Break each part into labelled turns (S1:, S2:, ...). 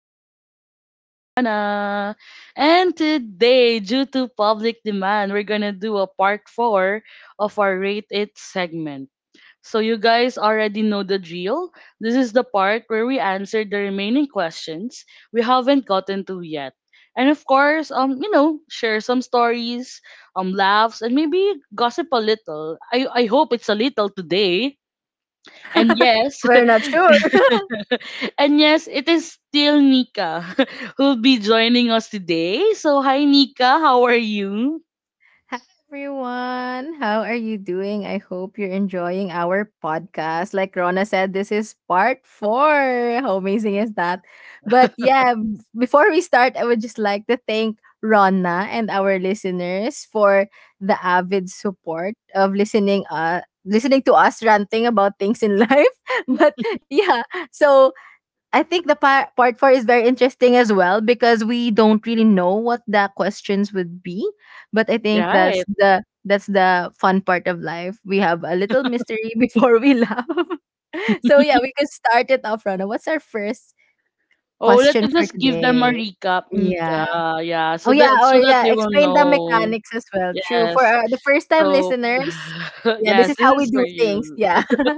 S1: with yours truly, Rana. And today, due to public demand, we're gonna do a part four of our Rate It segment. So you guys already know the drill. This is the part where we answer the remaining questions we haven't gotten to yet. And of course, share some stories, laughs, and maybe gossip a little. I hope it's a little today. And yes,
S2: We're not sure.
S1: and yes, it is still Nika who'll be joining us today. So, hi Nika, how are you?
S2: Hi everyone. How are you doing? I hope you're enjoying our podcast. Like Rona said, this is part four. How amazing is that? But yeah, before we start, I would just like to thank Rona and our listeners for the avid support of listening to us ranting about things in life. But yeah, so I think the part four is very interesting as well, because we don't really know what the questions would be, but I think that's
S1: Right.
S2: the that's the fun part of life. We have a little mystery before we laugh. So yeah, we can start it off, Rana. What's our first
S1: Oh, let
S2: question
S1: me
S2: for
S1: just give them a
S2: today?
S1: recap, Nika.
S2: Yeah.
S1: Yeah,
S2: Oh
S1: so that
S2: yeah. Or
S1: so that
S2: yeah.
S1: they will
S2: Explain the
S1: know.
S2: mechanics as well. True for
S1: Yes.
S2: the first time
S1: So,
S2: listeners. Yeah, this
S1: yes,
S2: is
S1: this
S2: how we
S1: is for
S2: do things.
S1: you.
S2: Yeah.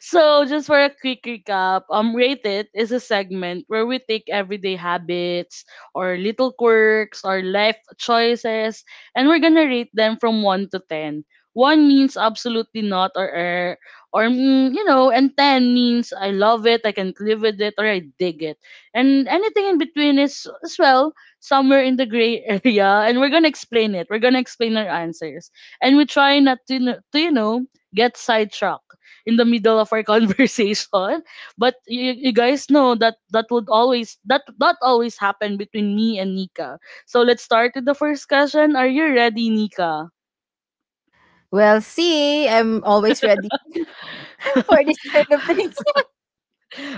S1: So just for a quick recap, rate it is a segment where we take everyday habits or little quirks or life choices, and we're gonna rate them from one to ten. One means absolutely not or, and ten means I love it, I can live with it, or I dig it, and anything in between is as well somewhere in the gray area. And we're gonna explain it. We're gonna explain our answers, and we try not to get sidetracked in the middle of our conversation. But you guys know that that would always that that always happen between me and Nika. So let's start with the first question. Are you ready, Nika?
S2: Well, see, I'm always ready for this kind of thing.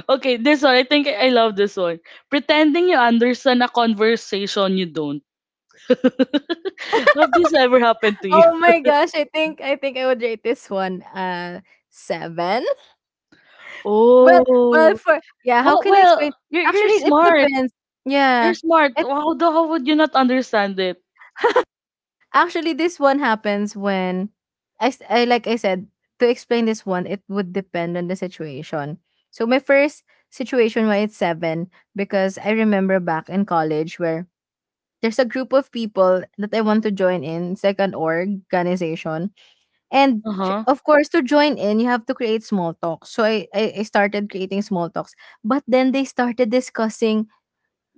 S1: Okay, this one I think I love this one. Pretending you understand a conversation you don't. Have this ever happened to you?
S2: Oh my gosh, I think I would rate this one 7. Well, well
S1: Oh,
S2: for yeah, how
S1: well,
S2: can I explain?
S1: well, you're
S2: Actually, it
S1: smart.
S2: depends. Yeah.
S1: You're smart.
S2: It
S1: How would you not understand it?
S2: Actually, this one happens when like I said, to explain this one, it would depend on the situation. So my first situation why it's 7, because I remember back in college where there's a group of people that I want to join in. It's like an organization. And
S1: Uh huh.
S2: of course, to join in, you have to create small talks. So I started creating small talks. But then they started discussing,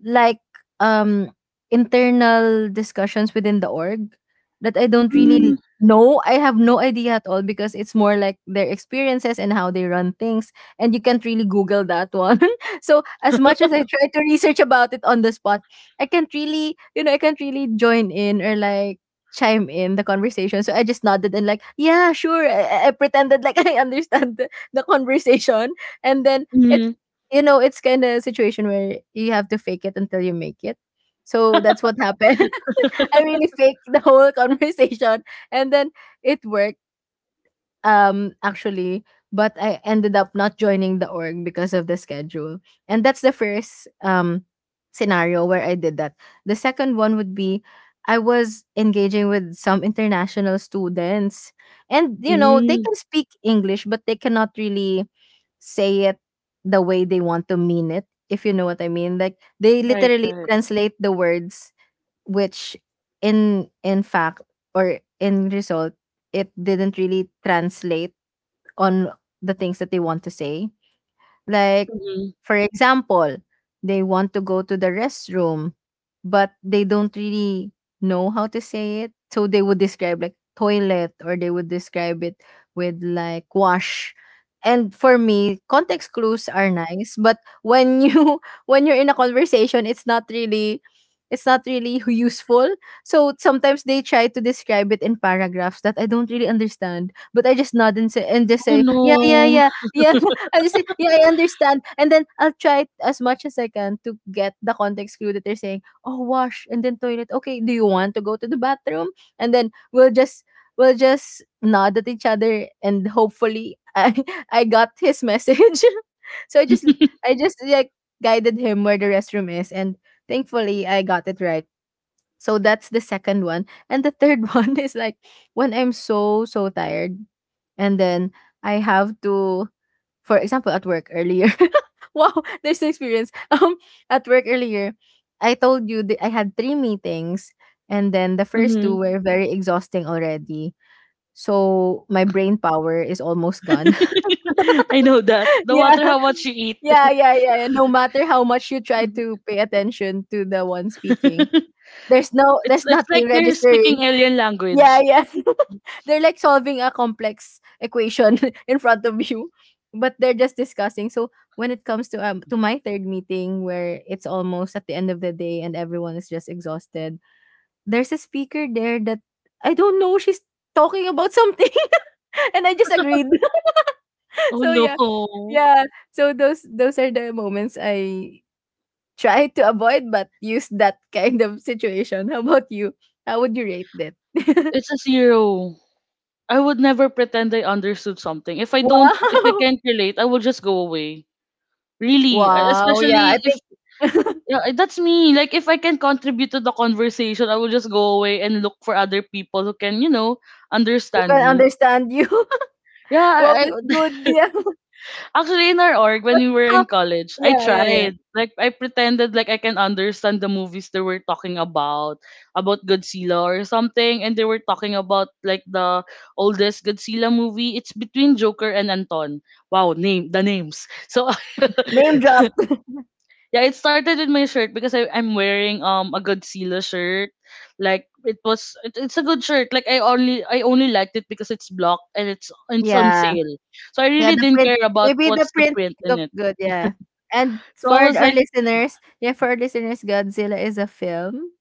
S2: like, um internal discussions within the org that I don't
S1: Mm-hmm.
S2: really know. I have no idea at all because it's more like their experiences and how they run things. And you can't really Google that one. So as much as I try to research about it on the spot, I can't really join in or like chime in the conversation. So I just nodded and like, yeah, sure. I pretended like I understand the conversation. And then it's kind of a situation where you have to fake it until you make it. So that's what happened. I really faked the whole conversation, and then it worked. Actually, but I ended up not joining the org because of the schedule, and that's the first scenario where I did that. The second one would be I was engaging with some international students, and they
S1: Mm-hmm.
S2: can speak English, but they cannot really say it the way they want to mean it, if you know what I mean. Like they
S1: Right,
S2: literally
S1: right.
S2: translate the words, which in fact, or in result, it didn't really translate on the things that they want to say, like,
S1: Mm-hmm.
S2: for example, they want to go to the restroom, but they don't really know how to say it. So they would describe like toilet, or they would describe it with like wash. And for me, context clues are nice, but when you when you're in a conversation, it's not really useful. So sometimes they try to describe it in paragraphs that I don't really understand, but I just nod and say and just
S1: Oh
S2: say, "Yeah, yeah,
S1: no.
S2: yeah, yeah." I just say, yeah, I understand. And then I'll try as much as I can to get the context clue that they're saying, oh, wash and then toilet. Okay, do you want to go to the bathroom? And then we'll just nod at each other, and hopefully I I got his message. So I just like guided him where the restroom is, and thankfully I got it right. So that's the second one. And the third one is like when I'm so so tired, and then I have to, for example, at work earlier. Wow, there's an experience. At work earlier, I told you that I had three meetings, and then the first two
S1: Mhm.
S2: were very exhausting already. So my brain power is almost gone.
S1: I know that. No
S2: Yeah,
S1: matter how much you eat.
S2: yeah, yeah, yeah, yeah. No matter how much you try to pay attention to the one speaking,
S1: it's
S2: there's
S1: it's like
S2: nothing
S1: they're
S2: registering.
S1: speaking alien
S2: Yeah,
S1: language.
S2: yeah. They're like solving a complex equation in front of you, but they're just discussing. So when it comes to my third meeting, where it's almost at the end of the day and everyone is just exhausted, there's a speaker there that I don't know she's talking about something, and I just agreed.
S1: Oh
S2: So yeah.
S1: no.
S2: Yeah. So those are the moments I try to avoid, but use that kind of situation. How about you? How would you rate that?
S1: It's a zero. I would never pretend I understood something. If I
S2: Wow.
S1: can't relate, I will just go away. Really.
S2: Wow, yeah, I
S1: Especially if
S2: think,
S1: yeah, that's me. Like if I can contribute to the conversation, I will just go away and look for other people who can, you know,
S2: who
S1: understand
S2: can
S1: me.
S2: understand you?
S1: Yeah,
S2: Wow, that's good. Yeah.
S1: actually, in our org, when
S2: But
S1: we were
S2: how,
S1: in college, I
S2: yeah, yeah, yeah.
S1: tried. Like, I pretended like I can understand the movies they were talking about Godzilla or something, and they were talking about like the oldest Godzilla movie. It's between Joker and Anton. Wow, name the names. So
S2: Yeah. Name drop.
S1: yeah, it started with my shirt because I'm wearing a Godzilla shirt. Like it was, it's a good shirt. Like I only liked it because it's blocked and it's it's on
S2: Yeah.
S1: sale. So I
S2: Yeah,
S1: really
S2: the
S1: didn't
S2: print
S1: care about
S2: maybe the
S1: what's the
S2: print
S1: print in
S2: looked
S1: it.
S2: good, yeah. And
S1: So I
S2: for
S1: was
S2: our
S1: like,
S2: listeners, yeah, for our listeners, Godzilla is a film.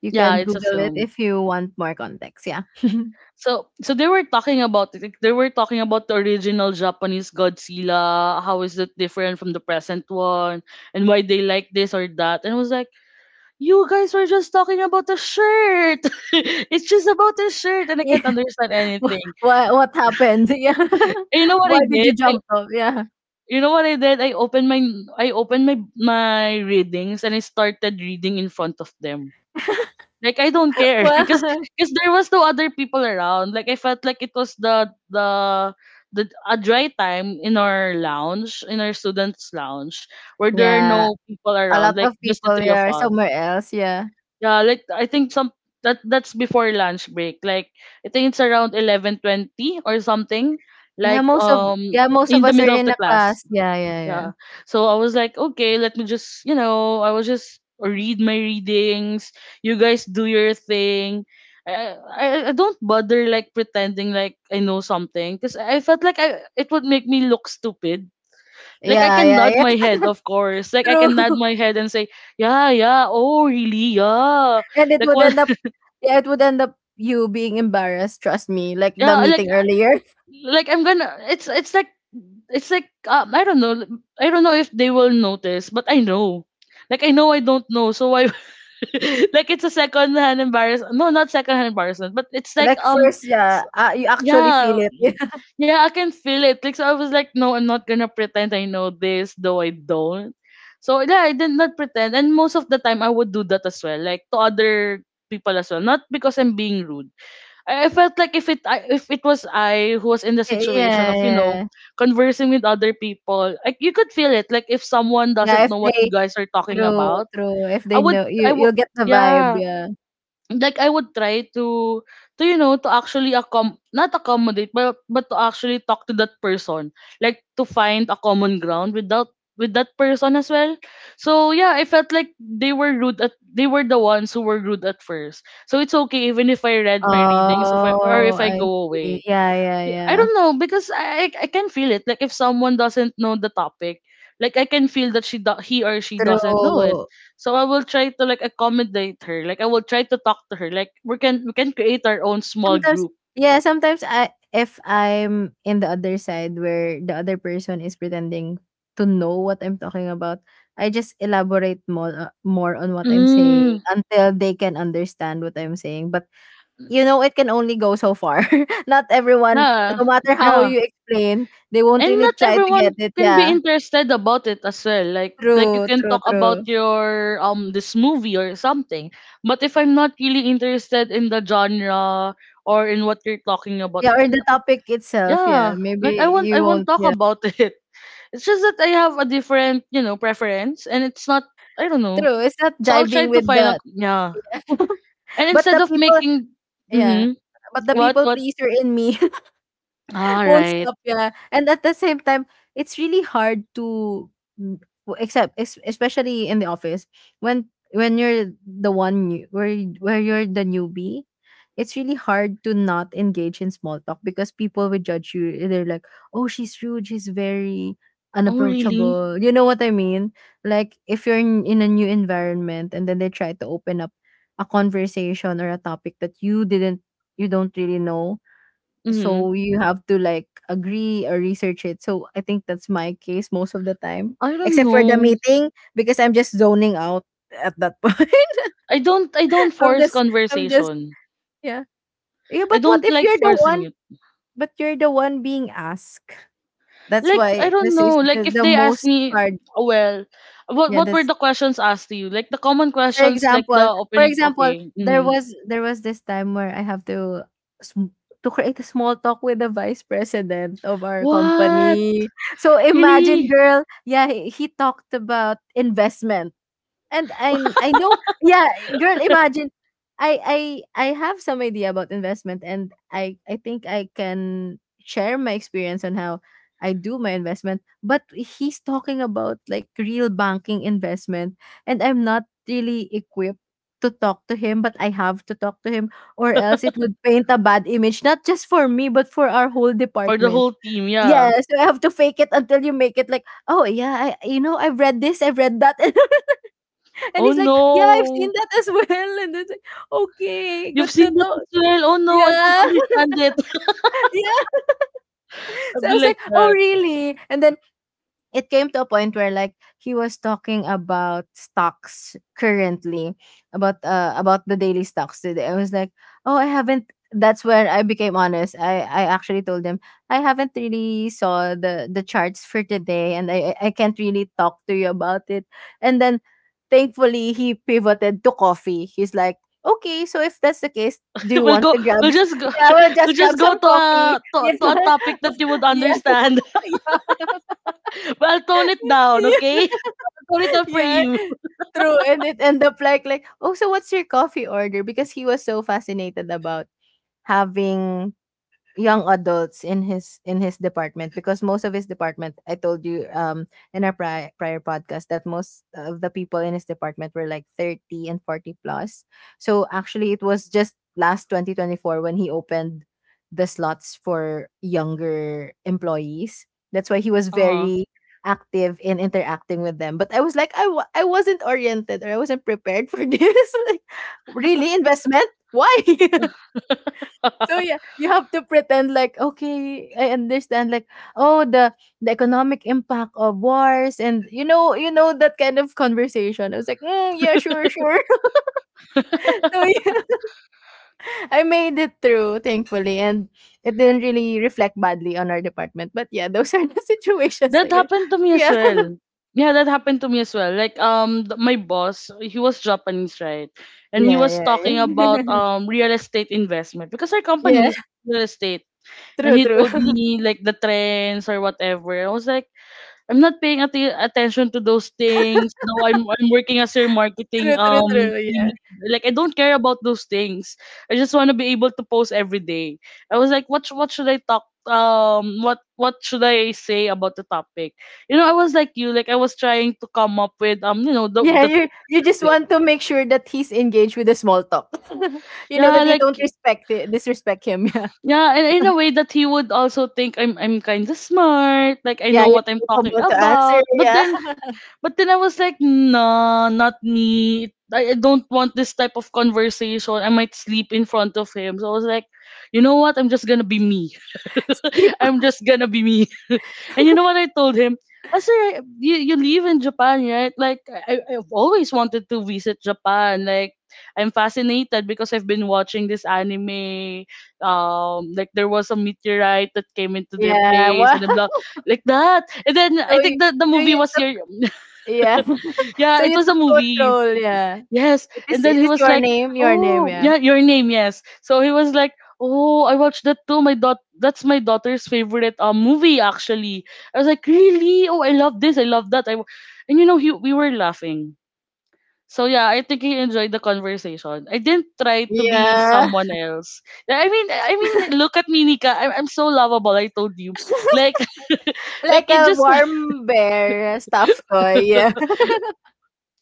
S2: You
S1: yeah,
S2: can
S1: it's a
S2: Google it
S1: film.
S2: if you want more context. Yeah.
S1: So so they were talking about it. Like, they were talking about the original Japanese Godzilla, how is it different from the present one, and why they like this or that. And I was like, you guys were just talking about the shirt. It's just about the shirt, and I
S2: Yeah.
S1: can't understand
S2: What
S1: anything.
S2: what happened? Yeah.
S1: And you know what I
S2: Why did you
S1: did? I,
S2: jump off? Yeah.
S1: you know what I did? I opened my I opened my readings and I started reading in front of them. Like I don't care
S2: Why?
S1: because there was no other people around. Like I felt like it was the a dry time in our lounge, in our students' lounge, where there are
S2: Yeah.
S1: no people
S2: A
S1: around,
S2: lot
S1: like
S2: of
S1: just the
S2: people,
S1: three of
S2: yeah, are
S1: us.
S2: somewhere else. Yeah.
S1: Yeah, like I think some that that's before lunch break. Like I think it's around 11:20 or something.
S2: Yeah,
S1: Like
S2: most of yeah, most of
S1: in the
S2: us are
S1: middle of
S2: in
S1: the
S2: a
S1: class.
S2: class. Yeah, yeah, yeah.
S1: Yeah. So I was like, okay, let me just, you know, I was just read my readings. You guys do your thing. I don't bother like pretending like I know something because I felt like I it would make me look stupid. Like I
S2: Yeah,
S1: can
S2: yeah,
S1: nod
S2: yeah.
S1: my head, of course. Like I can nod
S2: True.
S1: my head and say, yeah, yeah, oh really, yeah.
S2: And it
S1: Like
S2: would
S1: what?
S2: end up yeah, it would end up you being embarrassed, trust me. Like the
S1: Yeah,
S2: meeting earlier.
S1: like I'm gonna. It's like it's like I don't know. I don't know if they will notice, but I know. Like I know I don't know, so why like it's a second hand embarrassment. No, not second hand embarrassment, but it's like
S2: Like first,
S1: s-
S2: yeah, you actually feel
S1: yeah,
S2: it.
S1: mm, yeah, I can feel it. Like so, I was like, no, I'm not gonna pretend I know this, though I don't. So yeah, I did not pretend, and most of the time I would do that as well, like to other people as well. Not because I'm being rude. I felt like if it was I who was in the
S2: Yeah,
S1: situation
S2: yeah,
S1: of you know
S2: yeah.
S1: conversing with other people, like you could feel it. Like if someone
S2: Yeah,
S1: doesn't
S2: if
S1: know what you
S2: they
S1: guys are talking
S2: true,
S1: about,
S2: true. If
S1: I
S2: they
S1: would
S2: know,
S1: I
S2: you
S1: would
S2: you'll get the vibe,
S1: yeah
S2: yeah.
S1: like I would try to you know to actually accom not accommodate but to actually talk to that person like to find a common ground with that person as well, so yeah I felt like they were the ones who were rude at first, so it's okay even if I read my readings if I or
S2: Oh,
S1: if I
S2: I
S1: go
S2: see.
S1: away.
S2: Yeah, yeah,
S1: I
S2: yeah.
S1: don't know because I can feel it. Like if someone doesn't know the topic, like I can feel that he or she doesn't know it.
S2: True.
S1: So I will try to like accommodate her. Like I will try to talk to her. Like we can create our own small
S2: Sometimes
S1: group.
S2: yeah, sometimes I if I'm in the other side where the other person is pretending to know what I'm talking about, I just elaborate more on what I'm saying
S1: Mm,
S2: until they can understand what I'm saying. But it can only go so far. Not everyone,
S1: yeah,
S2: no matter how
S1: yeah.
S2: you explain, they won't
S1: And
S2: really
S1: not
S2: try to get
S1: everyone
S2: it.
S1: can be
S2: Yeah.
S1: interested about it as well. Like you
S2: True,
S1: can
S2: true,
S1: talk about
S2: true.
S1: your this movie or something. But if I'm not really interested in the genre or in what you're talking about,
S2: Yeah, or the topic itself. Yeah,
S1: yeah,
S2: maybe
S1: like I won't I
S2: you
S1: won't
S2: won't.
S1: talk
S2: Yeah.
S1: about it. It's just that I have a different, you know, preference and it's not I don't know.
S2: True. It's not
S1: So I'll try
S2: jiving
S1: to
S2: with
S1: find out
S2: that.
S1: yeah. And
S2: but
S1: instead
S2: the
S1: of
S2: people
S1: making
S2: Yeah.
S1: mm-hmm,
S2: But the
S1: what
S2: people
S1: what
S2: pleaser in me
S1: all
S2: won't
S1: right.
S2: stop, yeah. And at the same time, it's really hard to mm, especially in the office when you're the one new, where where you're the newbie, it's really hard to not engage in small talk, because people will judge you. They're like, "Oh, she's rude. She's very
S1: Oh really?
S2: unapproachable." You know what I mean? Like if you're in a new environment and then they try to open up a conversation or a topic that you don't really know,
S1: Mm-hmm.
S2: so you have to like agree or research it, so I think that's my case most of the time,
S1: I don't
S2: except for the
S1: know.
S2: meeting because I'm just zoning out at that point.
S1: I don't
S2: i'm
S1: force
S2: just i'm just
S1: conversation.
S2: Yeah, yeah.
S1: I
S2: but what
S1: don't
S2: if
S1: like
S2: you're the
S1: forcing
S2: one
S1: it.
S2: But you're the one being asked. That's
S1: Like I
S2: why
S1: don't
S2: this
S1: know.
S2: is
S1: Like
S2: the,
S1: if
S2: the
S1: they ask
S2: most
S1: me
S2: hard.
S1: oh, well what
S2: Yeah
S1: what were
S2: that's
S1: the questions asked to you? Like the common
S2: For
S1: questions like the
S2: example,
S1: opening okay.
S2: there
S1: Mm-hmm.
S2: was, this time where I have sm to create a small talk with the vice president of our
S1: What?
S2: company. So imagine,
S1: Really?
S2: girl, yeah, he talked about investment. And I know, yeah, girl, imagine, I I I have some idea about investment, and I think I can share my experience on how I do my investment, but he's talking about like real banking investment, and I'm not really equipped to talk to him, but I have to talk to him, or else it would paint a bad image not just for me but for our whole
S1: For the
S2: department.
S1: whole team, yeah.
S2: Yes, so I have to fake it until you make it, like, oh yeah, I you know I've read this, I've read that. And
S1: Oh
S2: he's like, "Yeah, I've seen
S1: no!
S2: that as well." And then it's like, "Okay,
S1: You've
S2: good to
S1: seen that as
S2: talk."
S1: well. Oh no, I don't
S2: Yeah,
S1: understand it.
S2: yeah.
S1: I'll
S2: So I
S1: be
S2: was
S1: like
S2: like, "Oh,
S1: that.
S2: really?" And then it came to a point where, like, he was talking about stocks currently, about the daily stocks today. I was like, oh, I haven't. That's when I became honest. I actually told him I haven't really saw the charts for today, and I can't really talk to you about it. And then thankfully he pivoted to coffee. He's like, okay, so if that's the case, do you
S1: We'll
S2: want
S1: go.
S2: to grab
S1: We'll just go.
S2: yeah, we'll
S1: We'll
S2: just
S1: just
S2: grab
S1: go
S2: some
S1: to
S2: coffee. Yes.
S1: to a topic that you would
S2: Yes.
S1: understand. But I'll tone it down,
S2: Yeah,
S1: okay? I'll tone it down for
S2: yeah,
S1: you.
S2: true. And it end up, like, oh, so what's your coffee order? Because he was so fascinated about having young adults in his department. Because most of his department, I told you, in our prior podcast, that most of the people in his department were like 30 and 40 plus. So actually, it was just last 2024 when he opened the slots for younger employees. That's why he was
S1: Uh huh.
S2: very active in interacting with them. But I was like, I wasn't oriented, or I wasn't prepared for this, like, really investment. Why? So yeah, you have to pretend like, okay, I understand. Like, oh, the economic impact of wars, and that kind of conversation. I was like, mm, yeah, sure, sure. So yeah, I made it through, thankfully, and it didn't really reflect badly on our department. But yeah, those are the situations.
S1: That
S2: Like,
S1: happened to me as
S2: yeah,
S1: well. Yeah, that happened to me as well. Like my boss, he was Japanese, right? And he was
S2: yeah, yeah,
S1: talking about
S2: yeah.
S1: real estate investment because our company
S2: Yeah,
S1: is real estate. And
S2: true,
S1: he
S2: true,
S1: told me like the trends or whatever. I was like, I'm not paying attention to those things. No, I'm working as your marketing
S2: true, true, true.
S1: team
S2: Yeah.
S1: lead. Like I don't care about those things. I just want to be able to post every day. I was like, what should I talk what should I say about the topic? You know, I was like you, like I was trying to come up with you know
S2: Yeah,
S1: the
S2: you
S1: things I
S2: you
S1: should
S2: just
S1: say.
S2: want to make sure that he's engaged with the small talk. You know
S1: Yeah,
S2: that you
S1: like
S2: don't respect it, disrespect him.
S1: yeah, and in a way that he would also think I'm kind of smart, like I
S2: Yeah,
S1: know
S2: yeah,
S1: what I'm
S2: you're
S1: talking
S2: capable to answer.
S1: about.
S2: Yeah,
S1: But then I was like, nah, not me. I don't want this type of conversation. I might sleep in front of him. So I was like, you know what? I'm just gonna be me.
S2: sleep.
S1: I'm just gonna be me. And you know what I told him? I said, "Hey, you live in Japan, right? Like, I've always wanted to visit Japan. Like, I'm fascinated because I've been watching this anime. Like there was a meteorite that came into their
S2: Yeah,
S1: place
S2: wow.
S1: and blah, like that. And then
S2: So
S1: I
S2: you,
S1: think that the
S2: so
S1: movie
S2: you
S1: was
S2: took
S1: your,"
S2: yeah, so
S1: yeah, it
S2: you
S1: was
S2: took
S1: a movie.
S2: control. Yeah,
S1: Yes.
S2: it
S1: And
S2: is
S1: then
S2: it
S1: he
S2: is
S1: was
S2: your
S1: like,
S2: name, your name.
S1: oh,
S2: Yeah,
S1: yeah, your name, yes. So he was like, "Oh, I watched that too. My dot That's my daughter's favorite movie actually." I was like, "Really? Oh, I love this, I love that. And you know he we were laughing. So yeah, I think he enjoyed the conversation. I didn't try to be
S2: yeah,
S1: someone else. Yeah, I mean look at me, Nika. I'm so lovable, I told you. Like like
S2: like
S1: it
S2: a
S1: just
S2: warm bear stuffed toy. Yeah,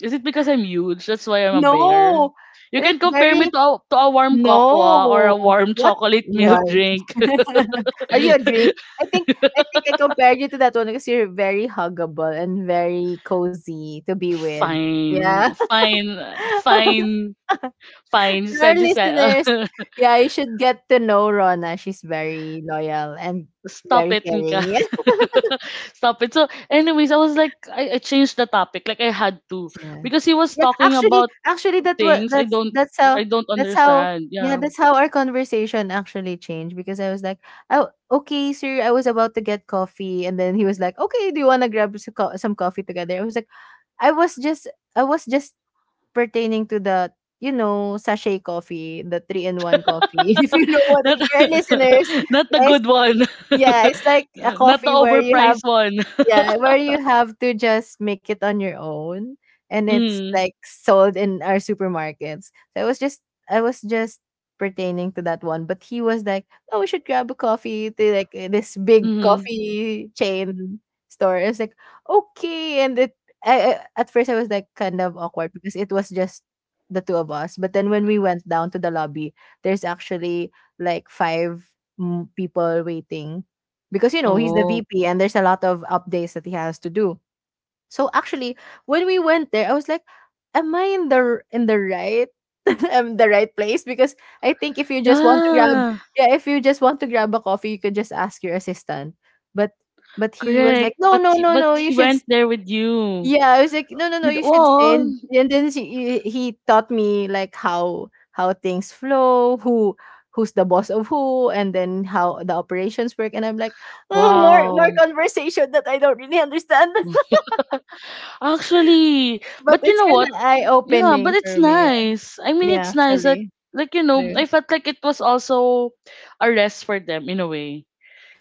S1: Is it because I'm huge? That's why I'm a bear.
S2: no,
S1: You
S2: like
S1: can compare me
S2: very.
S1: to a warm cocoa or
S2: No.
S1: a warm
S2: What?
S1: chocolate
S2: Why?
S1: milk drink.
S2: Are you a drink? I think I think I compared you to that one because you're very huggable and very cozy to be with.
S1: Fine,
S2: Yeah.
S1: fine, fine, fine. You
S2: To our
S1: said you said.
S2: listeners, yeah, you should get to know Rona. She's very loyal and
S1: Stop
S2: very
S1: it, Nika.
S2: caring.
S1: Stop it. So, anyways, I was like, I changed the topic. Like I had to
S2: Yeah.
S1: because he was
S2: Yeah,
S1: talking
S2: actually
S1: about
S2: actually that was
S1: things I don't
S2: that's how
S1: understand.
S2: yeah,
S1: Yeah.
S2: that's how our conversation actually changed. Because I was like, "Oh, okay, sir, I was about to get coffee." And then he was like, "Okay, do you want to grab some coffee together?" I was like, "I was just I was just pertaining to the sachet coffee, the 3-in-1 coffee." If you know what,
S1: Not
S2: for are listeners,
S1: not the
S2: yes.
S1: good one.
S2: Yeah, it's like a
S1: Not the
S2: coffee where you have
S1: overpriced one.
S2: yeah, where you have to just make it on your own, and it's
S1: Mm.
S2: like sold in our supermarkets. So I was just I was just pertaining to that one. But he was like, "Oh, we should grab a coffee to, like, eh, this big
S1: Mm-hmm.
S2: coffee chain store." I was like, "Okay." And it, I at first I was like kind of awkward because it was just the two of us. But then when we went down to the lobby, there's actually like five, mm, people waiting, because you know he's the
S1: Oh.
S2: VP and there's a lot of updates that he has to do. So actually, when we went there, I was like, "Am I in the right the right place?" Because I think if you just want to grab,
S1: Yeah.
S2: yeah, if you just want to grab a coffee, you could just ask your assistant. But but he was like,
S1: Correct.
S2: "No,
S1: But
S2: no,
S1: he,
S2: no,
S1: but
S2: no. You
S1: he
S2: should..."
S1: went there with you.
S2: Yeah, I was like, "No, no, no,
S1: With
S2: you should stay."
S1: all.
S2: And then she he taught me like how things flow, who's the boss of who, and then how the operations work. And I'm like, "Oh, more
S1: Wow.
S2: conversation that I don't really understand."
S1: Actually,
S2: But
S1: but you
S2: it's
S1: know
S2: kind of
S1: what?
S2: eye
S1: Yeah, but
S2: opening
S1: it's
S2: for me. Yeah,
S1: nice. I mean,
S2: yeah,
S1: it's nice.
S2: actually,
S1: Like you know,
S2: true.
S1: I felt like it was also a rest for them in a way.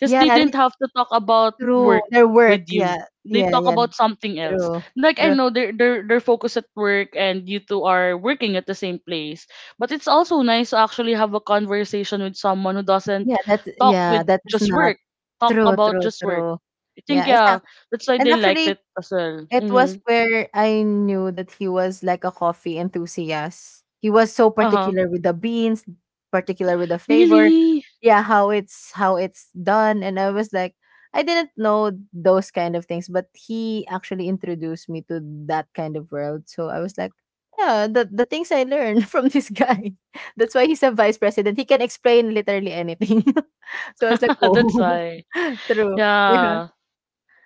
S1: Because
S2: Yeah,
S1: they
S2: that's
S1: didn't have to talk about
S2: true.
S1: work
S2: Their work.
S1: with you.
S2: Yeah,
S1: They
S2: yeah,
S1: talk
S2: yeah.
S1: about something else.
S2: True,
S1: Like I
S2: true.
S1: know they're focused at work and you two are working at the same place. But it's also nice to actually have a conversation with someone who doesn't
S2: Yeah, that's...
S1: talk
S2: yeah,
S1: with
S2: that is
S1: just
S2: not
S1: work. Talk
S2: true,
S1: about
S2: true,
S1: just work.
S2: true.
S1: I think
S2: Yeah,
S1: yeah, that's why
S2: and
S1: they liked
S2: actually,
S1: it as well.
S2: it was
S1: Mm-hmm.
S2: where I knew that he was like a coffee enthusiast. He was so
S1: Uh huh.
S2: particular with the beans, particular with the flavor.
S1: Really?
S2: Yeah, how it's done. And I was like, I didn't know those kind of things, but he actually introduced me to that kind of world. So I was like, yeah, the things I learned from this guy. That's why he's a vice president. He can explain literally anything. So I was like,
S1: That's
S2: oh,
S1: why.
S2: true. Yeah.
S1: Yeah.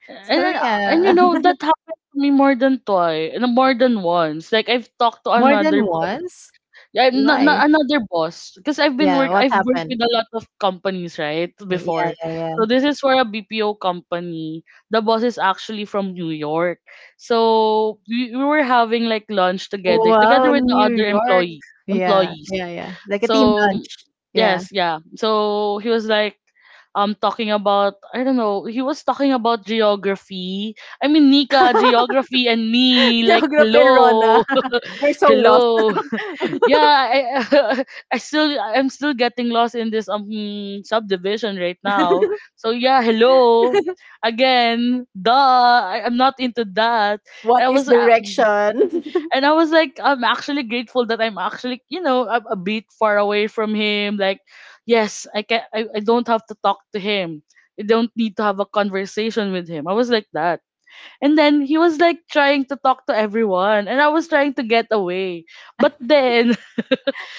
S1: And
S2: So
S1: then, and you
S2: yeah.
S1: know that happened to me more than twice, and more than once. Like I've talked to
S2: More than
S1: another boss,
S2: once?
S1: yeah,
S2: Why?
S1: not another boss, because
S2: Yeah, what
S1: I've worked
S2: happened?
S1: with a lot of companies right
S2: Y yeah,
S1: before.
S2: yeah, yeah.
S1: So this is for a BPO company. The boss is actually from New York, so we were having like lunch together, together
S2: Wow,
S1: with the
S2: New
S1: other
S2: York. Yeah,
S1: employees.
S2: yeah, yeah. Like a team
S1: So
S2: lunch. Yeah.
S1: yes, yeah. So he was like talking about I don't know, he was talking about geography. I mean Nika, geography and me, like
S2: Geography and Rona.
S1: hello.
S2: We're so lost.
S1: Hello. Yeah, I I'm still getting lost in this subdivision right now. So yeah, hello. Again, duh, I'm not into that. I
S2: What is
S1: was
S2: direction?
S1: And I was like, I'm actually grateful that I'm actually, you know, a bit far away from him. Like, yes, I don't have to talk to him. I don't need to have a conversation with him. I was like that. And then he was like trying to talk to everyone. And I was trying to get away. But then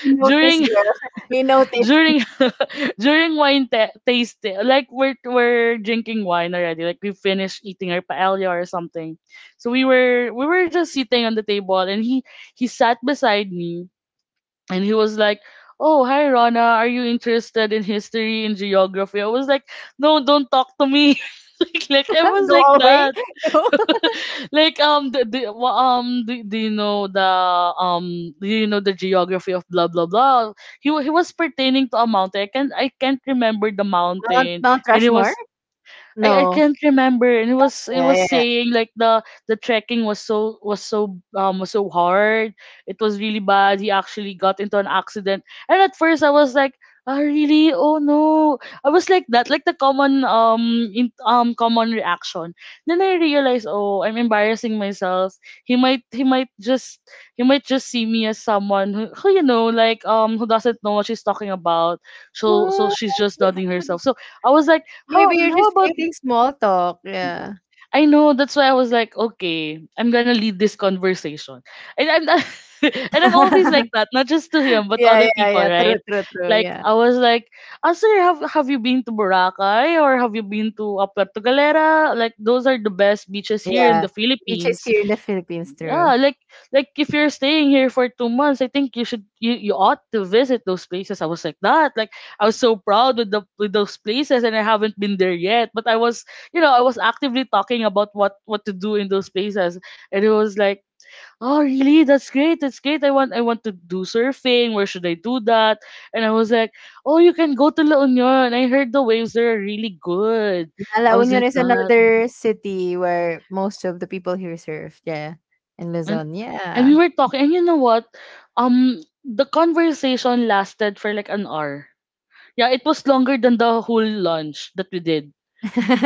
S2: He noticed,
S1: during
S2: girl. He noticed.
S1: during during wine ta tasting, like we're drinking wine already. Like we finished eating our paella or something, so we were just sitting on the table, and he sat beside me, and he was like. Oh, hi Rona, are you interested in history and geography? I was like, no, don't talk to me. Like I was
S2: Go
S1: like
S2: away.
S1: that.
S2: Go.
S1: Like do you know the do you know the geography of blah blah blah, he was pertaining to a mountain. I can I can't remember the
S2: Mount
S1: mountain,
S2: Mount
S1: and it
S2: Rushmore?
S1: was, I
S2: No.
S1: can't remember. And it
S2: Yeah,
S1: was
S2: yeah, yeah.
S1: saying like the trekking was was so hard. It was really bad, he actually got into an accident. And at first I was like, ah really, oh no. I was like that, like the common common reaction. Then I realized, oh I'm embarrassing myself, he might he might just he might just see me as someone who you know, like who doesn't know what she's talking about, so
S2: What?
S1: she's just doubting herself. So I was like, how
S2: Maybe you're just
S1: about.
S2: creating small talk,
S1: Mm.
S2: yeah.
S1: I know. That's why I was like, okay, I'm gonna lead this conversation, and I'm not, and I'm always like that, not just to him but to
S2: Yeah,
S1: other
S2: yeah,
S1: people,
S2: yeah. True,
S1: right?
S2: true, true.
S1: Like
S2: Yeah.
S1: I was like, ah, sir, have you been to Boracay or have you been to Puerto Galera? Like those are the best beaches here in
S2: Yeah,
S1: the
S2: beaches
S1: Philippines.
S2: here in the Philippines, true.
S1: Yeah, like if you're staying here for 2 months, I think you ought to visit those places. I was like that. Like I was so proud with the with those places and I haven't been there yet. But I was you know, I was actively talking about what to do in those places. And it was like, oh really? That's great, that's great. I want to do surfing. Where should I do that? And I was like, oh, you can go to La Union. I heard the waves there are really good.
S2: Yeah, La
S1: I was
S2: Union
S1: like
S2: is
S1: that.
S2: another city where most of the people here surf. Yeah, in
S1: And
S2: Luzon.
S1: And
S2: Yeah.
S1: we were talking, and you know what? The conversation lasted for like an hour. Yeah, it was longer than the whole lunch that we did.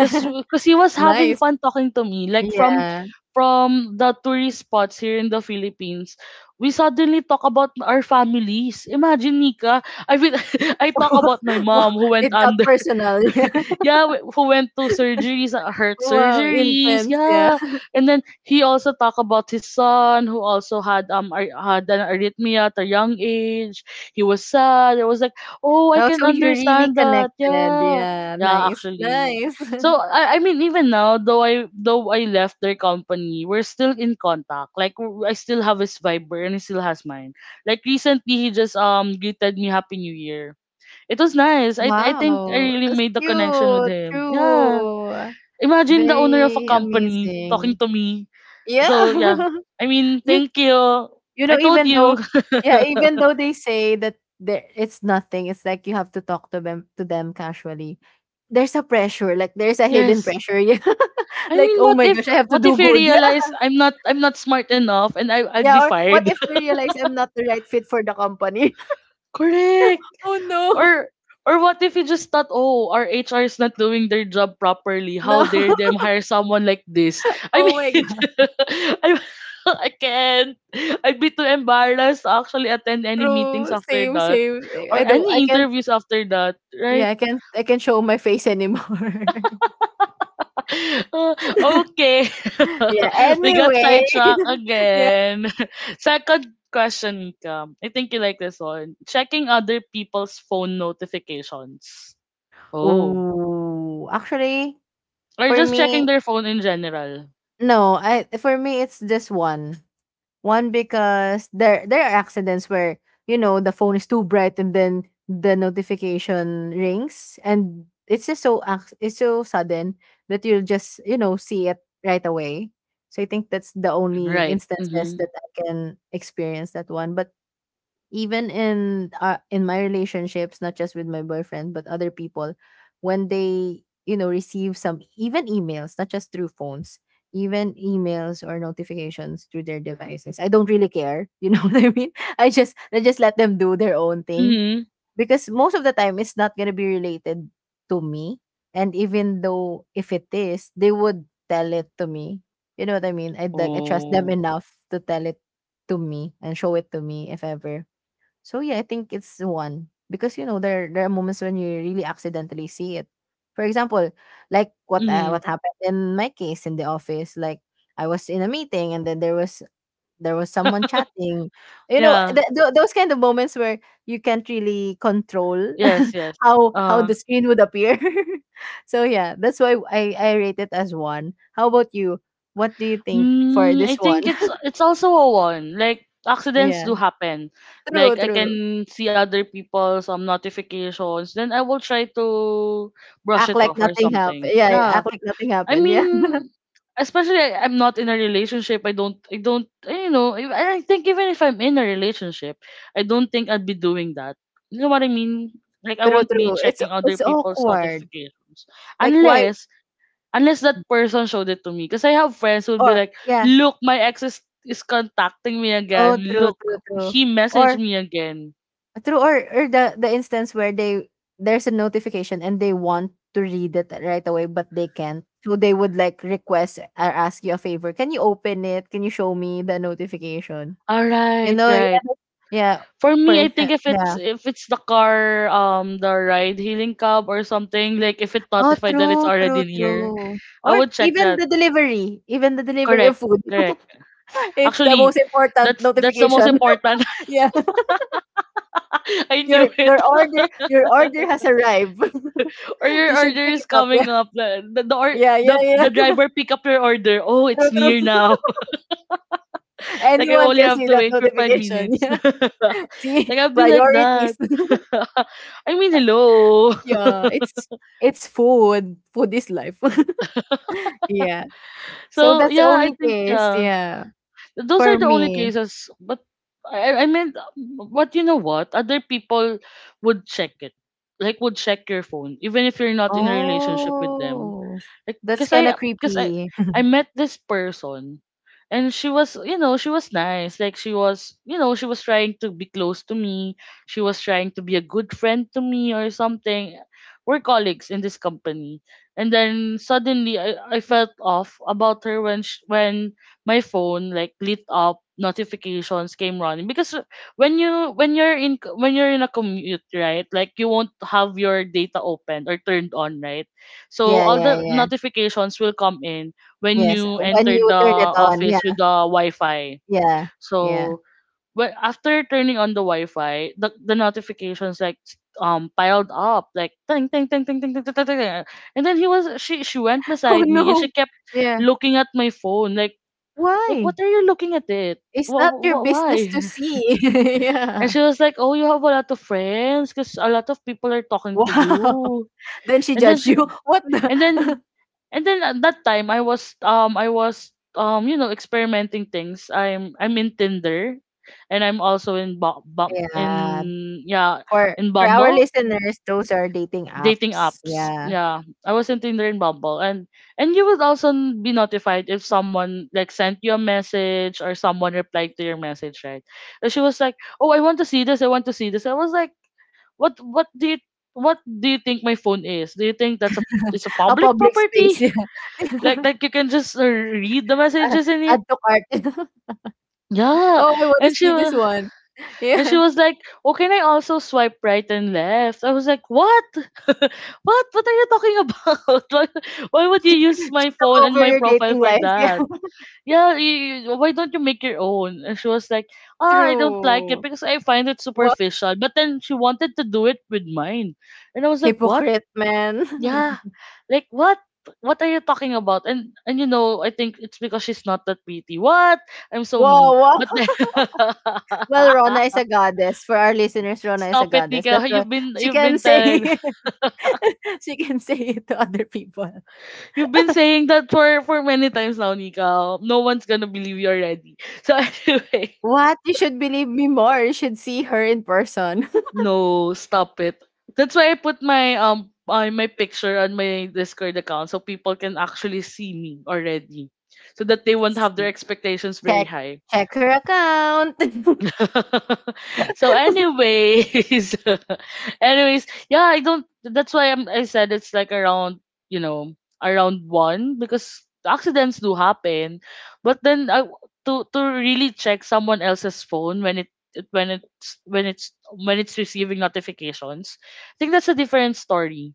S1: Cause, 'Cause he was
S2: Nice.
S1: having fun talking to me. Like
S2: Yeah.
S1: from the tourist spots here in the Philippines, we suddenly talk about our families. Imagine Nika, I mean, I talk about my
S2: Wow,
S1: mom who went
S2: it got
S1: on,
S2: personal. Yeah.
S1: yeah, who went to surgeries, heart
S2: Wow,
S1: surgeries,
S2: intense. Yeah.
S1: yeah. And then he also talked about his son who also had had an arrhythmia at a young age. He was sad. I was like, oh, I
S2: Oh,
S1: can
S2: so you're really
S1: understand that.
S2: connected.
S1: Yeah,
S2: Yeah.
S1: yeah,
S2: Nice.
S1: actually.
S2: Nice.
S1: So I mean, even now, though I left their company, we're still in contact. Like I still have his Viber and he still has mine. Like recently, he just greeted me Happy New Year. It was nice. I think I
S2: Wow,
S1: really
S2: that's
S1: made the connection with
S2: cute.
S1: him. Yeah.
S2: True.
S1: Imagine the owner of a
S2: Very
S1: company talking
S2: amazing.
S1: to me.
S2: Yeah.
S1: So yeah. I mean,
S2: You...
S1: thank you. I told
S2: Even though,
S1: you.
S2: yeah, even though they say that, there it's nothing, it's like you have to talk to them, casually. There's a pressure, like there's a hidden
S1: Yes.
S2: pressure. Yeah.
S1: I
S2: Like,
S1: mean,
S2: oh my gosh, I have to
S1: what
S2: do
S1: if you
S2: good. Yeah.
S1: realize I'm not smart enough and I'd be
S2: Yeah. Or what
S1: fired?
S2: if you realize I'm not the right fit for the company?
S1: Correct.
S2: Oh no.
S1: Or or what if you just thought, oh, our HR is not doing their job properly. How
S2: No.
S1: dare them hire someone like this? I
S2: Oh my
S1: mean,
S2: god.
S1: I, I can't. I'd be too embarrassed to actually attend any meetings
S2: True.
S1: after
S2: Same,
S1: that
S2: same.
S1: or
S2: I
S1: any
S2: can't,
S1: interviews after that, right?
S2: yeah, I can't show my face anymore.
S1: Uh, okay.
S2: Yeah.
S1: We got
S2: Anyway.
S1: sidetracked
S2: Yeah.
S1: again. Second question, Cam. I think you like this one. Checking other people's phone notifications. Oh.
S2: Oh, actually,
S1: Or
S2: for
S1: just checking
S2: me,
S1: their phone in general.
S2: no, I for me it's just one. One, because there are accidents where you know the phone is too bright, and then the notification rings, and it's just so ac-, it's so sudden that you'll just, see it right away. So I think that's the only
S1: Right.
S2: instances
S1: Mm-hmm.
S2: that I can experience that one. But even in, in my relationships, not just with my boyfriend but other people, when they, receive some, even emails, not just through phones, even emails or notifications through their devices, I don't really care, you know what I mean. I just let them do their own thing,
S1: Mm-hmm.
S2: because most of the time it's not going to be related to me. And even though if it is, they would tell it to me, you know what I mean. I would like I trust them
S1: Oh.
S2: enough to tell it to me and show it to me if ever. So yeah, I think it's one, because there are moments when you really accidentally see it. For example, like
S1: Mm-hmm.
S2: what happened in my case in the office. Like, I was in a meeting, and then there was someone chatting.
S1: Yeah.
S2: Those kind of moments where you can't really control
S1: Yes, yes.
S2: how
S1: Uh
S2: the screen would appear. So yeah, that's why I rate it as one. How about you? What do you think for this
S1: I
S2: one?
S1: think it's also a one. Like accidents
S2: Yeah,
S1: do happen.
S2: true,
S1: Like I
S2: true.
S1: can see other people's notifications, then I will try to brush
S2: Act
S1: it
S2: like
S1: off or
S2: nothing happened.
S1: something.
S2: Yeah, yeah,
S1: Yeah.
S2: act like nothing
S1: I
S2: happened. Yeah.
S1: mean, especially I'm not in a relationship. I don't, you know, I think even if I'm in a relationship, I don't think I'd be doing that. You know what I mean? Like I
S2: True,
S1: won't be
S2: true.
S1: checking other
S2: It's
S1: people's
S2: awkward.
S1: notifications
S2: Like, why?
S1: unless unless that person showed it to me. Because I have friends who would be
S2: Or
S1: like,
S2: yeah.
S1: "Look, my ex is contacting me
S2: Oh,
S1: again.
S2: true,
S1: Look,
S2: true, true.
S1: he messaged
S2: Or
S1: me again."
S2: true, or the instance where they, there's a notification and they want to read it right away but they can't. So they would like request or ask you a favor. Can you open it? Can you show me the notification?
S1: All
S2: You
S1: right,
S2: know, yeah.
S1: right.
S2: Yeah.
S1: For
S2: For
S1: me, I
S2: example,
S1: think
S2: yeah.
S1: if it's the car, the ride hailing cab or something, like if it
S2: Oh,
S1: notified that it's
S2: true, true,
S1: already near,
S2: true.
S1: I
S2: Or
S1: would check that.
S2: even the delivery of
S1: Correct,
S2: food.
S1: correct.
S2: It's the
S1: Actually,
S2: most important
S1: that's the most
S2: notification.
S1: important.
S2: Yeah.
S1: I knew
S2: Your
S1: it.
S2: your order has arrived.
S1: Or your
S2: You should
S1: order
S2: pick
S1: is
S2: it up.
S1: coming up. The, or,
S2: Yeah. Yeah,
S1: the
S2: yeah,
S1: The
S2: yeah.
S1: driver pick up your order. Oh,
S2: True,
S1: it's near
S2: true.
S1: now. Like I
S2: Anyone
S1: only
S2: can
S1: have
S2: see
S1: to
S2: that
S1: wait for five
S2: notification.
S1: minutes.
S2: Yeah. See,
S1: Like I'll be like
S2: priorities.
S1: that. I mean, hello.
S2: Yeah, it's food. Food is life. Yeah. So
S1: So
S2: that's the
S1: yeah, I
S2: only
S1: think
S2: case,
S1: yeah.
S2: yeah,
S1: Those
S2: for
S1: are the only
S2: me.
S1: cases. But I mean, but you know what? Other people would check it. Like, would check your phone, even if you're not in a relationship with them.
S2: Oh,
S1: Like,
S2: that's kind of
S1: cause
S2: creepy.
S1: I met this person, and she was, you know, she was nice. Like, she was, you know, she was trying to be close to me. She was trying to be a good friend to me or something. We're colleagues in this company, and then suddenly I felt off about her when sh when my phone like lit up, notifications came running because when you're in a commute, right? Like you won't have your data open or turned on, right? So
S2: Yeah,
S1: all
S2: yeah,
S1: the
S2: yeah.
S1: notifications will come in when
S2: Yes,
S1: you
S2: when
S1: enter
S2: you
S1: the
S2: turn it on, yeah.
S1: office with the Wi-Fi.
S2: Yeah, yeah.
S1: So when, after turning on the Wi-Fi, the notifications like piled up like ting ting ting ting ting ting ting ting, ting, ting. And then he was she went
S2: Oh,
S1: beside me and she
S2: no.
S1: kept
S2: Yeah.
S1: looking at my phone like what
S2: Why?
S1: are you looking at it,
S2: It's not your
S1: what,
S2: business
S1: why.
S2: to see. Yeah.
S1: And she was like, oh, you have a lot of friends because a lot of people are talking
S2: Wow.
S1: to you.
S2: Then she
S1: And then
S2: judged
S1: she
S2: you. What
S1: and then
S2: the?
S1: And then at that time I was you know, experimenting things. I'm in Tinder and I'm also in Bum Bum in
S2: Yeah.
S1: yeah,
S2: For
S1: in
S2: our
S1: Bumble
S2: listeners, those are dating
S1: dating
S2: apps.
S1: apps.
S2: Yeah.
S1: Yeah. I was in Tinder and Bumble and you would also be notified if someone like sent you a message or someone replied to your message, right? And she was like, "Oh, I want to see this. I want to see this." I was like, "What do you what do you think my phone is? Do you think that's a it's a
S2: A
S1: public
S2: public space.
S1: property?"
S2: Yeah.
S1: like like you can just read the
S2: Uh,
S1: messages in it.
S2: add to cart.
S1: Yeah.
S2: Oh, I want to
S1: and she
S2: see this
S1: wa-
S2: one.
S1: and she
S2: Yeah.
S1: was like, "Oh, can I also swipe right and left?" I was like, "What? What are you talking about? Why would you
S2: She
S1: use my phone
S2: took
S1: and
S2: over
S1: my
S2: your
S1: profile
S2: dating
S1: for
S2: life. Yeah.
S1: that? Why don't you make your own?" And she was like, "Ah, I don't like it
S2: True.
S1: because I find it
S2: Wow.
S1: superficial," but then she wanted to do it with mine. And I was like, "What?"
S2: Hypocrite, man.
S1: Yeah. Like, what? What are you talking about? And you know, I think it's because she's not that pretty. What? I'm so mean.
S2: Wow. Wow.
S1: But then
S2: Well, Rona is a goddess. For our listeners, Rona is a
S1: stop it,
S2: goddess.
S1: Nika.
S2: That's why she
S1: You've
S2: can
S1: been
S2: say
S1: telling
S2: she can say it to other people.
S1: you've been saying that for many times now, Nika. No one's gonna believe you already. So anyway,
S2: What? You should believe me more. You should see her in person.
S1: no, stop it. That's why I put my my picture on my Discord account so people can actually see me already, so that they won't have their
S2: See,
S1: expectations very
S2: check
S1: high.
S2: her account.
S1: So anyways, anyways, yeah, I don't that's why I said it's like around, you know around one, because accidents do happen. But then I to really check someone else's phone when when it's receiving notifications, I think that's a different story.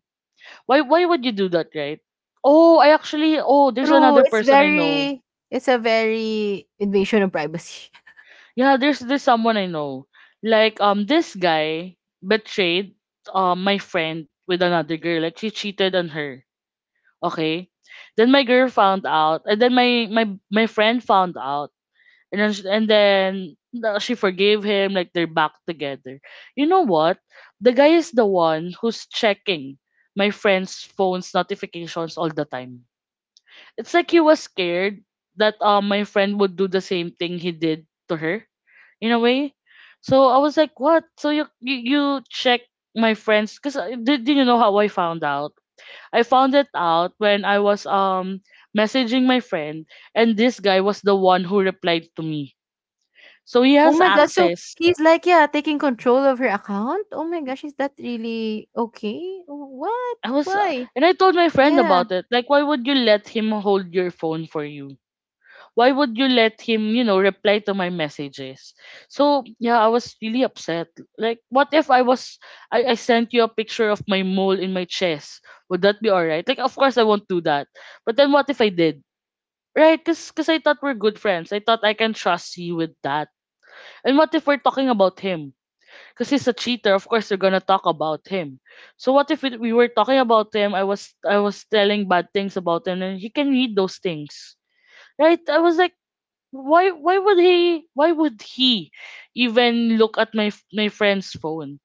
S1: Why would you do that, right? Oh, I actually, oh, there's
S2: True.
S1: another
S2: It's
S1: person I know.
S2: very, it's a very invasion of privacy.
S1: Yeah, there's this someone I know. Like, um, this guy betrayed, um, my friend with another girl. Like, she cheated on her. Okay? Then my girl found out and then my friend found out. And then she, and then She forgave him. Like, they're back together. You know what? The guy is the one who's checking my friend's phone's notifications all the time. It's like he was scared that, um, my friend would do the same thing he did to her, in a way. So I was like, "What? So you check my friends? Because did you know how I found out? I found it out when I was, um, messaging my friend, and this guy was the one who replied to me. So he
S2: Oh
S1: has
S2: my god. So
S1: access."
S2: he's like, yeah, taking control of her account. Oh my gosh, is that really okay? Oh. What?
S1: I was
S2: Why?
S1: and I told my friend
S2: Yeah.
S1: about it. Like, why would you let him hold your phone for you? Why would you let him, you know, reply to my messages? So yeah, I was really upset. Like, what if I sent you a picture of my mole in my chest? Would that be alright? Like, of course I won't do that. But then what if I did? Right? Cause I thought we're good friends. I thought I can trust you with that. And what if we're talking about him? Cause he's a cheater. Of course we're gonna talk about him. So what if we were talking about him? I was telling bad things about him, and he can read those things, right? I was like, why would he even look at my my friend's phone?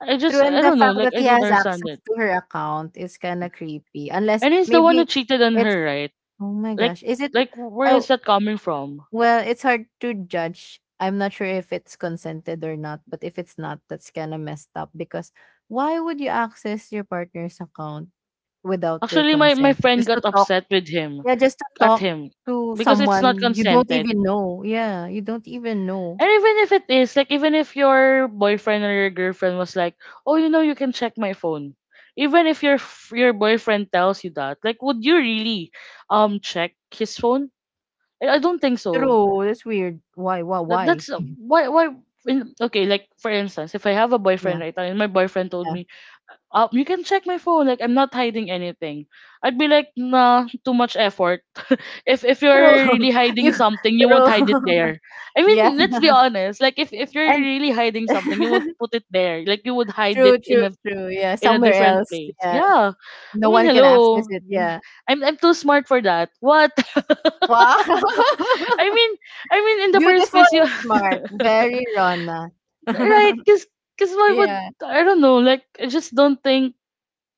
S2: True.
S1: I
S2: And the
S1: don't know,
S2: fact
S1: like,
S2: that
S1: I
S2: he
S1: don't
S2: has
S1: understand it.
S2: access to her account is kinda creepy, unless
S1: And he's the one who
S2: maybe
S1: cheated on
S2: it's,
S1: her, right?
S2: oh my
S1: Like
S2: gosh, is it...
S1: like where is
S2: oh,
S1: that coming from?
S2: well, it's hard to judge. I'm not sure if it's consented or not, but if it's not, that's kinda messed up. Because why would you access your partner's account without their
S1: Actually my
S2: consent?
S1: friend
S2: Just to
S1: got
S2: talk,
S1: upset with him
S2: yeah, just to
S1: at
S2: talk
S1: him
S2: to
S1: because it's not
S2: someone you don't
S1: consented.
S2: even know. Yeah, you don't even know.
S1: And even if it is, like, even if your boyfriend or your girlfriend was like, "Oh, you know, you can check my phone." Even if your your boyfriend tells you that, like, would you really, um, check his phone? I don't think so.
S2: True, that's weird. Why why why?
S1: That's okay, like, for instance, if I have a boyfriend
S2: Yeah,
S1: right now and my boyfriend told
S2: yeah.
S1: me, you can check my phone, like, I'm not hiding anything, I'd be like, nah, too much effort. If you're
S2: True.
S1: really hiding
S2: You
S1: something, you won't
S2: true.
S1: hide it there. I
S2: Yeah,
S1: mean, let's be honest. Like, if you're
S2: and
S1: really hiding something, you won't put it there. Like, you would hide it
S2: true,
S1: in
S2: true,
S1: a
S2: true. Yeah, somewhere
S1: different
S2: else.
S1: place.
S2: Yeah,
S1: Yeah. I
S2: no
S1: mean,
S2: one can access
S1: hello.
S2: it. Yeah.
S1: I'm too smart for that. What?
S2: Wow.
S1: I mean, I mean, in the first
S2: Beautiful
S1: place, you
S2: and smart. Very Rona.
S1: right, because why would
S2: yeah,
S1: I don't know? Like, I just don't think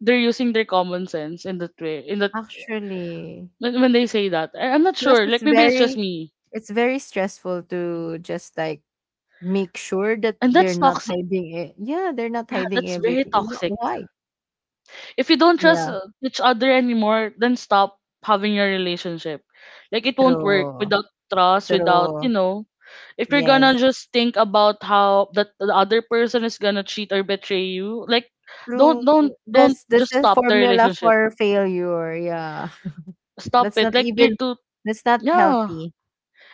S1: they're using their common sense in that way. In that
S2: actually.
S1: when they say that, I'm not
S2: Plus,
S1: sure. Like, maybe it's just me,
S2: it's very stressful to just like make sure that
S1: and
S2: they're
S1: that's
S2: not
S1: toxic.
S2: hiding it. Yeah, they're not
S1: Yeah,
S2: hiding
S1: that's very
S2: everything.
S1: toxic.
S2: Why?
S1: If you don't trust,
S2: Yeah.
S1: each other anymore, then stop having your relationship. Like, it won't work
S2: True.
S1: without trust. Without, you
S2: True.
S1: know, if you're gonna
S2: Yes.
S1: just think about how that the other person is gonna cheat or betray you, like,
S2: True.
S1: don't,
S2: That's
S1: just
S2: a
S1: stop the
S2: formula
S1: relationship,
S2: for failure. Yeah,
S1: stop
S2: that's not
S1: it. Like, you're
S2: even
S1: too,
S2: that's not
S1: yeah.
S2: healthy.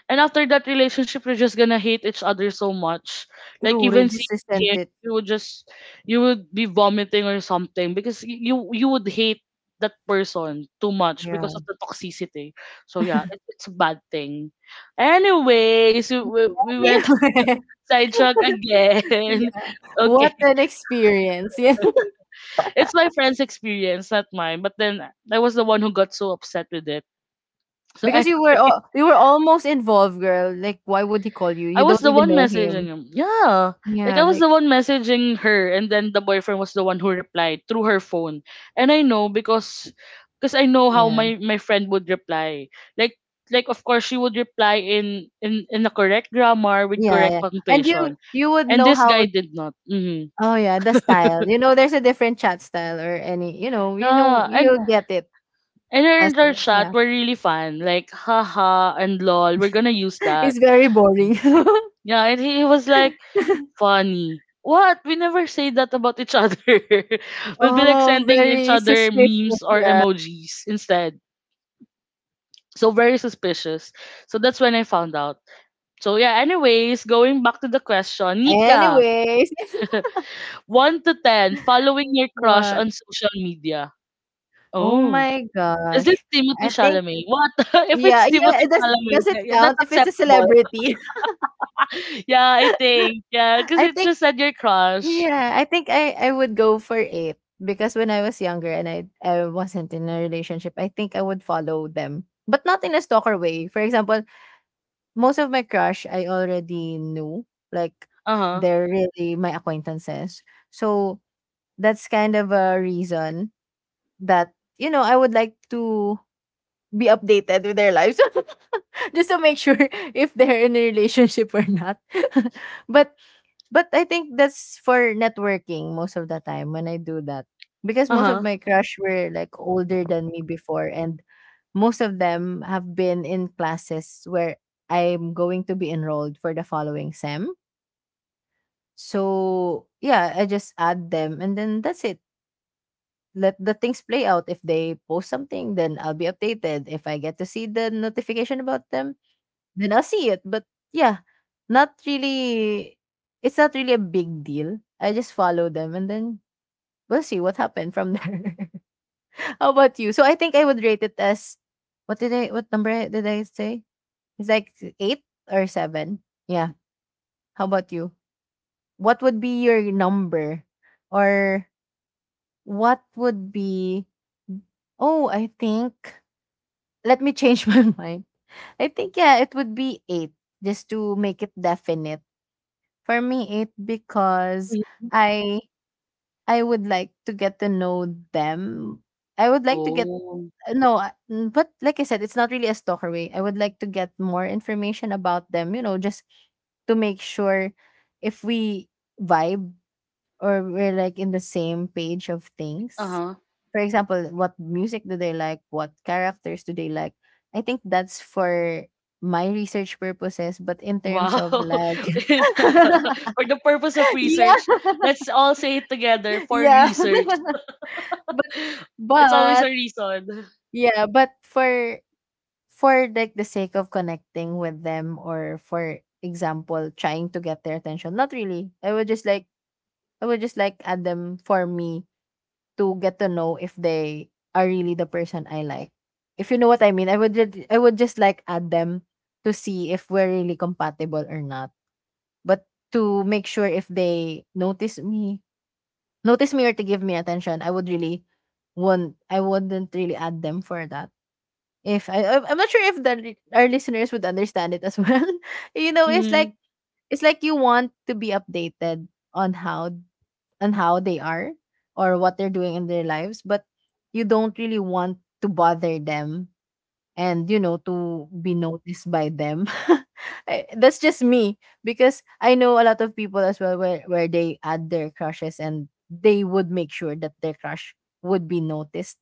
S1: And after that relationship, you're just gonna hate each other so much. Like,
S2: True,
S1: even
S2: just
S1: seeing
S2: resent
S1: him,
S2: it.
S1: you would just you would be vomiting or something, because you would hate that person too much because
S2: Yeah.
S1: of the toxicity. So yeah, it's a bad thing. Anyways, we went
S2: Anyway,
S1: sidetrack again.
S2: yeah.
S1: Okay,
S2: What an experience. Yeah,
S1: it's my friend's experience, not mine. But then I was the one who got so upset with it. So
S2: because
S1: anyway.
S2: you were almost involved, girl. Like, why would he call you?
S1: I
S2: You
S1: was
S2: don't
S1: the
S2: even
S1: one
S2: know
S1: messaging
S2: him.
S1: him. Yeah. Like, I
S2: Yeah,
S1: was
S2: like
S1: the one messaging her and then the boyfriend was the one who replied through her phone. And I know because I know how
S2: yeah,
S1: my friend would reply. Like like of course she would reply in the correct grammar with
S2: yeah, yeah.
S1: correct
S2: And
S1: punctuation.
S2: you would
S1: And
S2: know
S1: this
S2: how.
S1: guy did not. Mhm.
S2: Oh yeah, the style. You know, there's a different chat style or any. You know,
S1: Yeah,
S2: you'll get it.
S1: and her
S2: As,
S1: and our
S2: well. Yeah.
S1: chat were really fun. Like, haha and lol, we're gonna use that.
S2: It's very boring.
S1: Yeah, and he was like funny. What? We never say that about each other. We'll be like
S2: Oh,
S1: sending each
S2: very
S1: other
S2: suspicious.
S1: memes or emojis instead. So very suspicious. So that's when I found out. So yeah, anyways, going back to the question, Nika,
S2: Anyways,
S1: 1 to 10, following your crush
S2: what?
S1: on social media.
S2: Oh
S1: Oh.
S2: my
S1: Is this
S2: gosh.
S1: Timothy
S2: I think
S1: Chalamet? What? if
S2: yeah,
S1: it's
S2: yeah,
S1: Timothy
S2: it
S1: Chalamet,
S2: does it
S1: yeah, yeah, that's
S2: count if it's a
S1: acceptable.
S2: celebrity?
S1: Yeah, I think. Yeah, because
S2: I
S1: it
S2: think
S1: just said your crush.
S2: yeah, I think I would go for eight because when I was younger and I wasn't in a relationship, I think I would follow them. But not in a stalker way. For example, most of my crush I already knew, like
S1: Uh-huh.
S2: they're really my acquaintances. So that's kind of a reason that you know I would like to be updated with their lives just to make sure if they're in a relationship or not. but but I think that's for networking most of the time when I do that because most of
S1: Uh-huh.
S2: my crush were like older than me before and most of them have been in classes where I'm going to be enrolled for the following sem. So, yeah, I just add them and then that's it. Let the things play out. If they post something, then I'll be updated. If I get to see the notification about them, then I'll see it. But yeah, not really. It's not really a big deal. I just follow them, and then we'll see what happened from there. How about you? So I think I would rate it as? What number did I say? It's like eight or seven. Yeah. How about you? What would be your number, or what would be? Oh, I think let me change my mind. I think yeah, it would be eight just to make it definite. For me, eight because
S1: Mhm.
S2: I I would like to get to know them. I would like to get
S1: Oh.
S2: no, but like I said, it's not really a stalker way. I would like to get more information about them. You know, just to make sure if we vibe or we're like in the same page of things.
S1: Uh-huh.
S2: For example, what music do they like? What characters do they like? I think that's for my research purposes, but in terms
S1: Wow.
S2: of like
S1: For the purpose of
S2: yeah,
S1: research, let's all say it together, for
S2: yeah.
S1: research. It's always a
S2: but but
S1: reason.
S2: yeah, but for like the sake of connecting with them or for example trying to get their attention. Not really. I would just like add them for me to get to know if they are really the person I like. If you know what I mean, I would just like add them to see if we're really compatible or not. But to make sure if they notice me or to give me attention, I would really won't I wouldn't really add them for that. If I I'm not sure if the our listeners would understand it as well. you know,
S1: Mm,
S2: it's like you want to be updated on how on how they are or what they're doing in their lives, but you don't really want to bother them and you know to be noticed by them. I- That's just me because I know a lot of people as well where they add their crushes and they would make sure that their crush would be noticed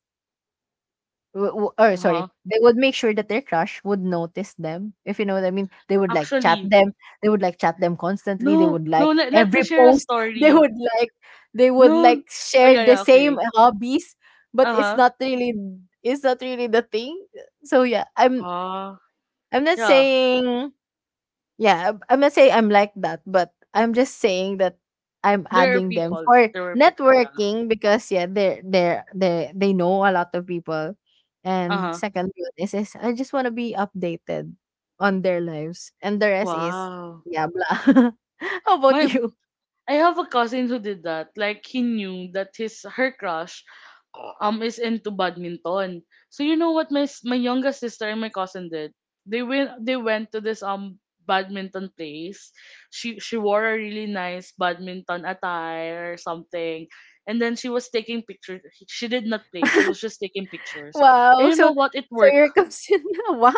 S2: or
S1: uh-huh.
S2: sorry, they would make sure that their crush would notice them. If you know what I mean, they would like chat
S1: Actually,
S2: them. They would like chat them constantly. They
S1: no,
S2: would like
S1: let, let me
S2: every
S1: share a
S2: post. They
S1: story.
S2: would like they would
S1: No,
S2: like
S1: oh,
S2: share
S1: yeah,
S2: the
S1: yeah,
S2: same
S1: okay.
S2: hobbies, but
S1: Uh-huh.
S2: it's not really the thing. So yeah,
S1: Ah,
S2: I'm not
S1: yeah.
S2: saying yeah, I'm not saying I'm like that, but I'm just saying that I'm
S1: There are
S2: adding them
S1: people.
S2: for
S1: There were people, yeah.
S2: networking because yeah, they know a lot of people. And
S1: Uh-huh.
S2: second one is I just want to be updated on their lives, and the rest is
S1: Wow.
S2: yeah blah. How about
S1: My,
S2: you?
S1: I have a cousin who did that. Like, he knew that his her crush, um, is into badminton. So you know what my my youngest sister and my cousin did? They went to this, um, badminton place. She wore a really nice badminton attire or something. And then she was taking pictures. She did not play. She was just taking pictures. And
S2: Wow,
S1: you
S2: so
S1: know what? It
S2: so
S1: worked.
S2: your consider wow.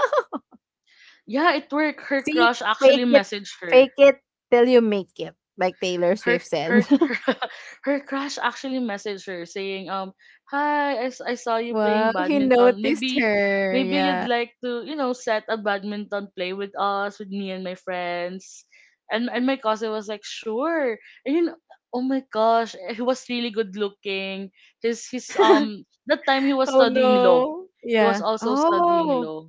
S1: Yeah, it worked. Her
S2: See,
S1: crush actually
S2: fake it,
S1: messaged her.
S2: fake it till you make it, like Taylor
S1: her
S2: Swift
S1: her
S2: said.
S1: Her crush actually messaged her saying, um, "Hi, I saw you playing
S2: wow, he
S1: badminton.
S2: noticed
S1: Maybe
S2: her.
S1: you'd
S2: Yeah.
S1: like to, you know, set a badminton play with us, with me and my friends." And my cousin was like, "Sure." And you know, oh my gosh, eh, he was really good looking. His um, that time he was
S2: Oh,
S1: studying law,
S2: no.
S1: he was
S2: Yeah.
S1: also studying
S2: Oh,
S1: law.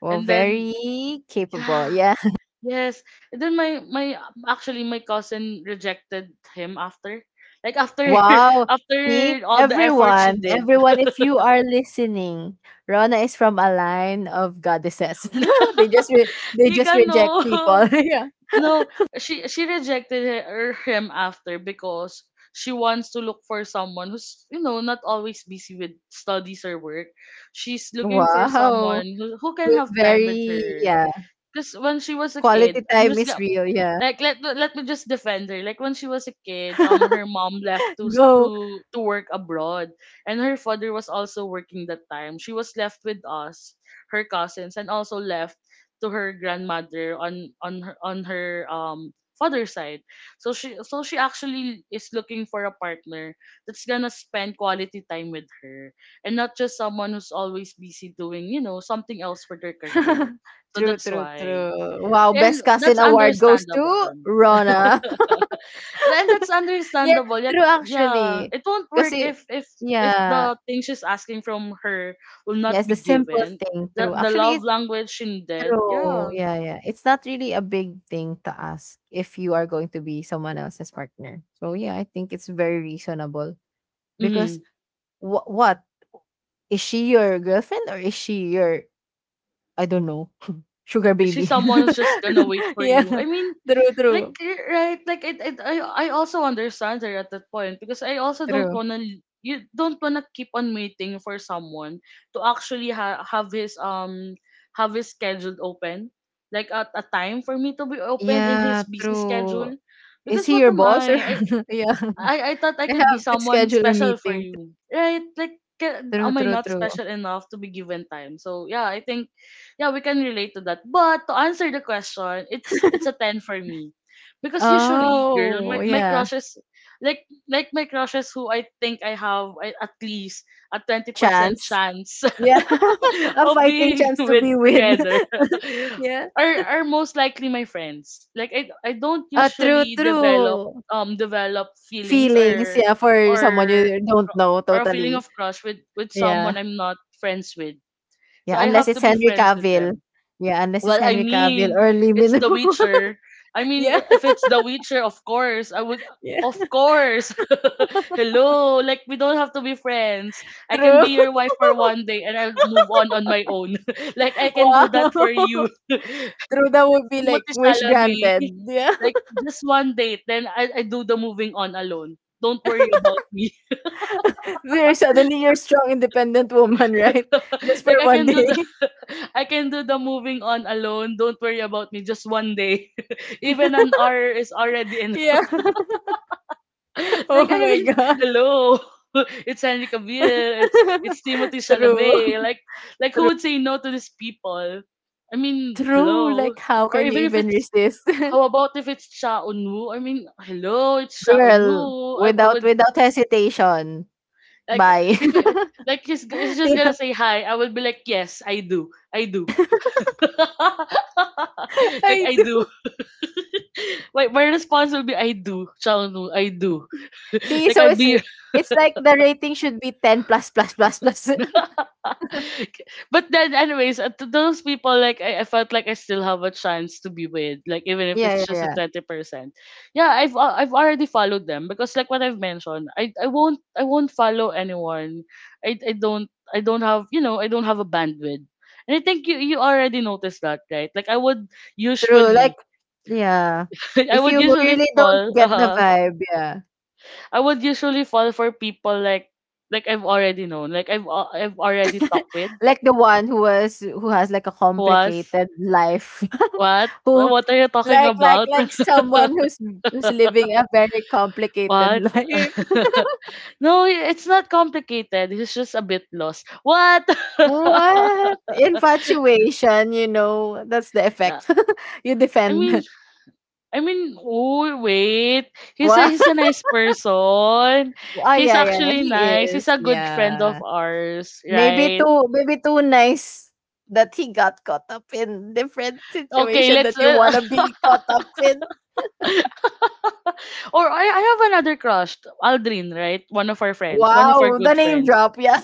S2: well,
S1: And then
S2: very capable.
S1: yeah.
S2: Yeah.
S1: Yes. And then my actually my cousin rejected him after, like after
S2: Wow.
S1: after
S2: See,
S1: all the effort she did.
S2: everyone, if you are listening, Rona is from a line of goddesses. they just re- they just
S1: Nika,
S2: reject people.
S1: no.
S2: yeah.
S1: No, she rejected him after because she wants to look for someone who's, you know, not always busy with studies or work. She's looking for
S2: Wow.
S1: someone who can
S2: Who's
S1: have time with
S2: very
S1: her.
S2: yeah.
S1: Cause when she was a
S2: Quality
S1: kid, I'm
S2: time
S1: just
S2: is
S1: gonna.
S2: real. Yeah.
S1: Like, let me just defend her. Like, when she was a kid, her mom left to
S2: Go.
S1: to work abroad, and her father was also working that time. She was left with us, her cousins, and also left to her grandmother on on her, um, father's side. So she actually is looking for a partner that's gonna spend quality time with her, and not just someone who's always busy doing, you know, something else for their career. So
S2: true,
S1: that's
S2: true,
S1: why.
S2: true. Wow.
S1: And
S2: Best
S1: that's
S2: cousin award goes
S1: understandable.
S2: to Rona.
S1: And that's
S2: Yeah,
S1: understandable. Yeah,
S2: true
S1: yeah.
S2: actually.
S1: It won't work
S2: Kasi
S1: if
S2: yeah,
S1: the thing she's asking from her will
S2: yeah,
S1: not
S2: it's the
S1: be
S2: simple
S1: given.
S2: thing, true.
S1: The
S2: Actually,
S1: love
S2: it's
S1: language she did.
S2: true.
S1: Yeah.
S2: Yeah, yeah. It's not really a big thing to ask if you are going to be someone else's partner. So yeah, I think it's very reasonable because
S1: Mhm.
S2: what is she your girlfriend or is she your I don't know sugar
S1: She's
S2: baby?
S1: someone who's just gonna wait for
S2: yeah,
S1: you. I mean,
S2: true,
S1: like,
S2: true,
S1: right, like it I also understand her at that point because I also don't
S2: true.
S1: wanna you don't wanna keep on waiting for someone to actually have his schedule open, like at a time for me to be open in
S2: Yeah,
S1: his busy
S2: true.
S1: schedule,
S2: Is
S1: because
S2: he
S1: what
S2: your
S1: am
S2: boss or
S1: I? I
S2: yeah?
S1: I I thought I
S2: I
S1: could be
S2: have to
S1: someone
S2: schedule a
S1: special for
S2: meeting.
S1: you, right? Like,
S2: True,
S1: am I
S2: true,
S1: not
S2: true.
S1: special enough to be given time? So yeah, I think, yeah, we can relate to that. But to answer the question, it's a ten for me, because usually, girl, my
S2: Oh,
S1: my
S2: yeah.
S1: crushes, like my crushes who I think I have at least a
S2: A
S1: 20%
S2: chance.
S1: chance
S2: Yeah. a
S1: of
S2: fighting
S1: being
S2: chance to
S1: with
S2: be with.
S1: together
S2: yeah.
S1: are most likely my friends. Like I don't
S2: A true,
S1: usually
S2: true.
S1: develop feelings
S2: Feelings, yeah, for someone
S1: or
S2: you don't know
S1: or a feeling
S2: totally.
S1: of crush with
S2: Yeah.
S1: someone I'm not friends with. So
S2: Yeah,
S1: I
S2: unless
S1: have to
S2: it's
S1: be
S2: Henry
S1: friends with
S2: Cavill.
S1: them.
S2: Yeah, unless it's
S1: Well, I
S2: Henry Cavill
S1: mean,
S2: or Lee
S1: it's
S2: Min
S1: The
S2: Ho.
S1: Witcher. I mean,
S2: yeah,
S1: if it's The Witcher, of course, I would.
S2: yeah,
S1: Of course. Hello. Like, we don't have to be friends. I can
S2: true.
S1: be your wife for one day and I'll move on my own. Like, I can
S2: wow.
S1: do that for you.
S2: True, that would be like
S1: Timothy
S2: wish
S1: Chalamet.
S2: granted. Yeah.
S1: Like, just one date, then I do the moving on alone. Don't worry about me.
S2: We're suddenly you're strong, independent woman, right? Just for
S1: Like,
S2: one day.
S1: I can do the moving on alone. Don't worry about me. Just one day. Even an hour is already
S2: Yeah.
S1: enough.
S2: Oh
S1: Like, I
S2: my
S1: mean,
S2: God.
S1: hello. It's Henry Cavill. It's Timothy
S2: True.
S1: Chalamet. Like who would say no to these people? I mean,
S2: True.
S1: hello.
S2: Like how
S1: Or
S2: can you
S1: even if
S2: even
S1: it's
S2: resist?
S1: How about if it's Sha Eun-woo? I mean, hello, it's Sha
S2: Girl,
S1: Eun-woo. I would
S2: without hesitation.
S1: like
S2: Bye.
S1: if it- like he's just gonna
S2: Yeah.
S1: say hi. I would be like, yes, I do, I do. Like,
S2: I
S1: I do.
S2: do.
S1: Like, my response will be I do, Xiaonu, I do.
S2: See,
S1: Like, I'd be,
S2: it's like the rating should be 10 plus plus plus plus.
S1: but then anyways, to those people, like I felt like I still have a chance to be with, like even if
S2: yeah,
S1: it's
S2: yeah,
S1: just a
S2: yeah.
S1: 20%. Yeah, I've already followed them because like what I've mentioned, I won't follow anyone. I I don't I don't have a bandwidth. And I think you already noticed that, right? Like I would
S2: True. Like
S1: usually
S2: yeah.
S1: I
S2: If
S1: would
S2: you
S1: usually
S2: really don't
S1: fall.
S2: get the
S1: Uh-huh.
S2: vibe, yeah.
S1: I would usually fall for people like I've already known, like I've already talked with
S2: like the one who was who has like a
S1: who was,
S2: complicated life
S1: what
S2: who
S1: what are you talking
S2: like like
S1: about?
S2: like someone who's who's living a very complicated
S1: What?
S2: life
S1: No, it's not complicated. It's just a bit lost. What?
S2: what infatuation you know that's the
S1: Yeah.
S2: effect you
S1: I mean,
S2: defend
S1: I mean, oh wait, he's a
S2: what
S1: he's a nice person.
S2: oh
S1: He's
S2: yeah yeah yeah,
S1: actually
S2: he
S1: nice.
S2: is
S1: He's a good friend of
S2: yeah
S1: ours, right?
S2: maybe too nice that he got caught up in different
S1: Okay,
S2: situation that
S1: let's.
S2: you want to be caught up in
S1: Or I have another crush, Aldrin, right? One of our friends, one of our
S2: wow the
S1: good
S2: name
S1: friends.
S2: drop yeah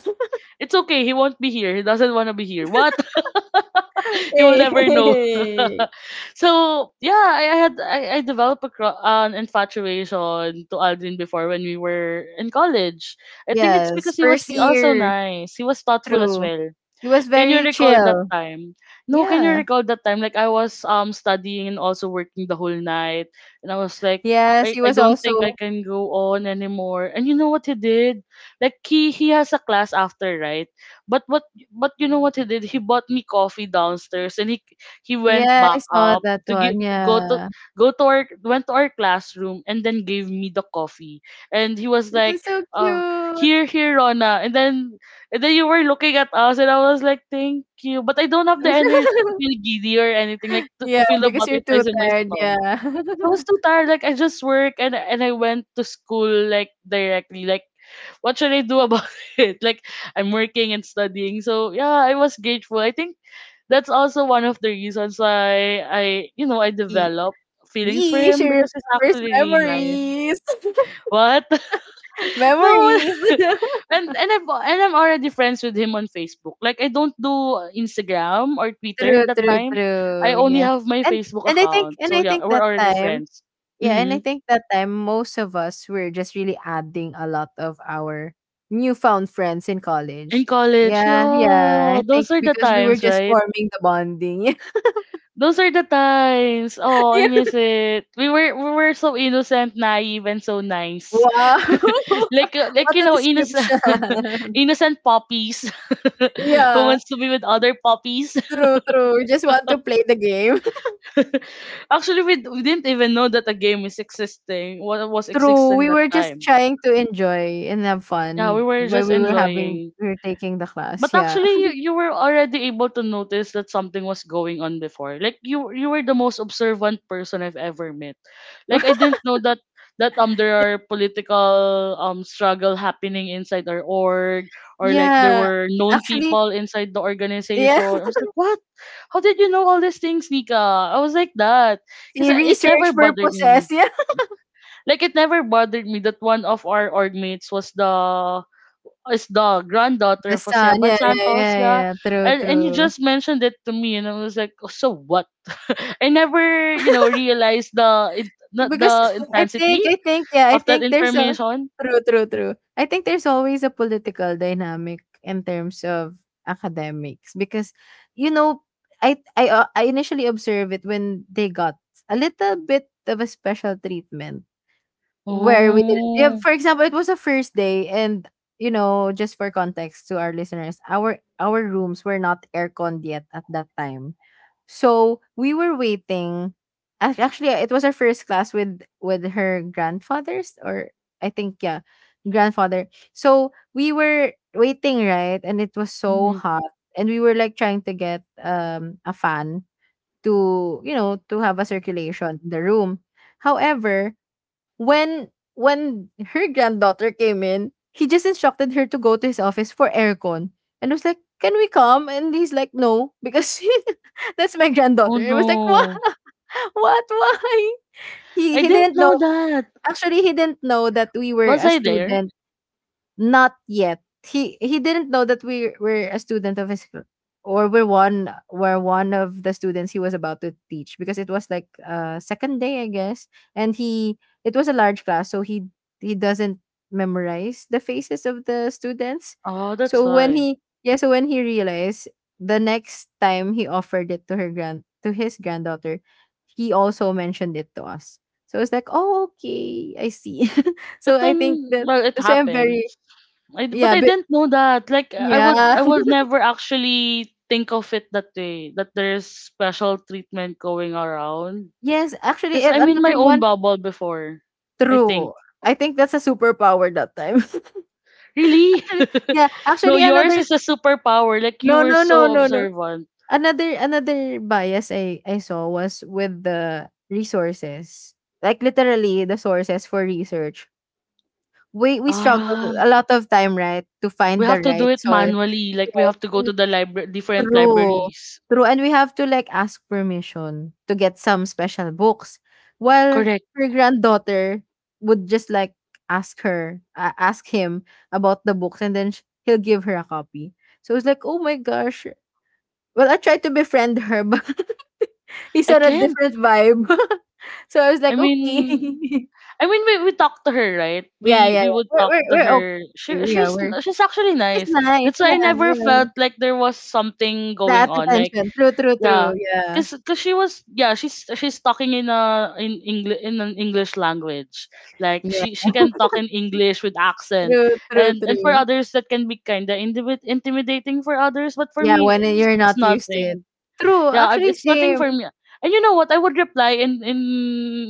S1: It's okay, he won't be here. He doesn't want to be here. What? He will never know.
S2: Hey.
S1: So yeah, I had I developed an infatuation to Aldrin before when we were in college. I think it's
S2: Yes,
S1: because he was
S2: first
S1: also
S2: year.
S1: nice. He was thoughtful as
S2: True.
S1: well.
S2: He was
S1: Can you
S2: very
S1: recall that
S2: chill.
S1: time? No, can you
S2: Yeah.
S1: recall that time? Like I was studying and also working the whole night, and I was like,
S2: Yes,
S1: I,
S2: he
S1: I
S2: was
S1: don't
S2: also
S1: think I can go on anymore. And you know what he did? Like he has a class after, right? But you know what he did? He bought me coffee downstairs, and he went
S2: Yeah,
S1: back
S2: I saw
S1: up
S2: that
S1: to get
S2: one.
S1: go to
S2: Yeah.
S1: go to our went to our classroom and then gave me the coffee and he was
S2: It
S1: like,
S2: was so
S1: uh
S2: cute.
S1: here Rona. And then you were looking at us, and I was like, thank you. But I don't have the energy to feel giddy or anything, like to
S2: Yeah,
S1: feel the
S2: because you're
S1: butterflies
S2: too
S1: in my
S2: tired. Yeah.
S1: stomach. So I was too tired. Like, I just work and I went to school, like, directly. Like, what should I do about it? Like, I'm working and studying. So, yeah, I was grateful. I think that's also one of the reasons why I
S2: Ye
S1: developed feelings for
S2: yee, she
S1: him because he's
S2: remembers
S1: actually really nice.
S2: memories.
S1: What? No.
S2: Memories.
S1: And I'm already friends with him on Facebook. Like I don't do Instagram or Twitter
S2: True,
S1: that
S2: true,
S1: time. I
S2: true.
S1: only
S2: Yeah.
S1: have my
S2: And
S1: Facebook account.
S2: and I
S1: So yeah,
S2: think
S1: we're
S2: that
S1: already
S2: time
S1: friends.
S2: Yeah, and I
S1: Hmm.
S2: think that time most of us were just really adding a lot of our newfound friends in college.
S1: In college,
S2: Yeah, yeah.
S1: yeah,
S2: I think
S1: those are the
S2: because we were
S1: times,
S2: just
S1: right?
S2: forming the bonding.
S1: Those are the times. Oh, I
S2: Yeah. yeah.
S1: miss it. We were so innocent, naive, and so
S2: Wow.
S1: nice. Like, like,
S2: what a
S1: innocent
S2: description.
S1: innocent puppies who
S2: yeah.
S1: wants to be with other puppies.
S2: True, true. We just want to play the game.
S1: Actually, we didn't even know that a game is existing. What was
S2: true.
S1: existing
S2: We
S1: that
S2: were just
S1: time?
S2: trying to enjoy and have
S1: Yeah, we
S2: fun
S1: were
S2: while
S1: just enjoying.
S2: we were taking the
S1: But
S2: class. Yeah.
S1: actually, you were already able to notice that something was going on before. Like you were the most observant person I've ever met. Like I didn't know that there are political struggle happening inside our org, or like there
S2: yeah.
S1: were known
S2: Actually,
S1: people inside the
S2: yeah.
S1: organization. I was like, what? How did you know all these things, Nika? I was like that because
S2: The
S1: it never
S2: research
S1: bothered
S2: purposes.
S1: me. Like it never bothered me that one of our org mates was the is the granddaughter
S2: The
S1: of Jose
S2: sun,
S1: Abad
S2: yeah, yeah,
S1: Santos.
S2: yeah,
S1: The,
S2: yeah, true,
S1: and, and you
S2: true.
S1: just mentioned it to me, and I was like, oh, so what? I never realized not
S2: Because
S1: the
S2: I
S1: intensity
S2: think I think, yeah, I
S1: of that
S2: think there's a
S1: information.
S2: true. I think there's always a political dynamic in terms of academics because, you know, I initially observe it when they got a little bit of a special treatment where we didn't yeah
S1: Oh,
S2: for example it was a first day and you know just for context to our listeners our rooms were not aircon yet at that time so we were waiting actually it was our first class with her grandfathers or I think yeah grandfather so we were waiting right and it was so
S1: mhm.
S2: hot and we were like trying to get a fan to you know to have a circulation in the room however when when her granddaughter came in, he just instructed her to go to his office for aircon and was like, "Can we come?" And he's like, "No, because that's my
S1: Oh
S2: granddaughter." It was like, "What?
S1: no.
S2: What? Why?" He
S1: I
S2: he
S1: didn't
S2: didn't know.
S1: know that.
S2: Actually, he didn't know that we were
S1: Was
S2: a
S1: I there?
S2: student not yet. He didn't know that we were a student of his or we're one were one of the students he was about to teach because it was like second day, I guess. And he it was a large class, so he doesn't memorize the faces of the students.
S1: Oh, that's
S2: So when
S1: why.
S2: he, yeah, so when he realized the next time he offered it to her grand to his granddaughter, he also mentioned it to us. So it's like, oh, okay, I see. So
S1: But
S2: I think
S1: then,
S2: that
S1: well, it
S2: that's why I'm very
S1: happens. I, but
S2: yeah,
S1: I
S2: but
S1: didn't know that. Like I would,
S2: yeah.
S1: I would never actually think of it that way. That there's special treatment going around.
S2: Yes, actually,
S1: 'Cause
S2: and
S1: I'm in my
S2: another
S1: own
S2: one.
S1: bubble before. I think
S2: True. I think that's a superpower that time.
S1: really.
S2: Actually, yeah,
S1: No,
S2: actually
S1: yours
S2: another
S1: is a superpower. Like you
S2: no,
S1: were
S2: no, no,
S1: so
S2: no, no.
S1: observant.
S2: Another bias I saw was with the resources. Like literally the sources for research. We struggle
S1: Ah,
S2: a lot of time, right, to find
S1: we
S2: the
S1: have to do
S2: right
S1: it
S2: source.
S1: manually. Like we have to go
S2: Yes.
S1: to the library, different
S2: True,
S1: libraries.
S2: true, and we have to, like, ask permission to get some special books, while
S1: Correct.
S2: her granddaughter would just, like, ask her a ask him about the books, and then sh he'll give her a copy. So it's like, "Oh my gosh." Well, I tried to befriend her, but he's
S1: I
S2: on a
S1: can't.
S2: different vibe. So I was
S1: I
S2: like, "Okay."
S1: mean, I mean, we talked to her, right?
S2: Yeah,
S1: We
S2: yeah,
S1: we
S2: yeah.
S1: would
S2: We're
S1: talk
S2: we're
S1: to
S2: we're
S1: her.
S2: okay.
S1: She
S2: Yeah,
S1: she's
S2: we're
S1: she's actually
S2: she's
S1: nice.
S2: nice,
S1: That's why I
S2: yeah,
S1: never
S2: yeah.
S1: felt like there was something going
S2: That
S1: on. Like
S2: attention. True, true,
S1: yeah,
S2: true, yeah.
S1: 'cause she was, yeah, she's talking in an English language. Like
S2: Yeah,
S1: she can talk in English with accent,
S2: true, true,
S1: and for
S2: true.
S1: others that can be kinda intimidating for others. But for
S2: Yeah,
S1: me,
S2: when
S1: it's
S2: you're
S1: it's
S2: not used to it.
S1: nothing.
S2: True,
S1: Yeah,
S2: actually
S1: it's nothing
S2: same.
S1: for me. And you know what? I would reply in in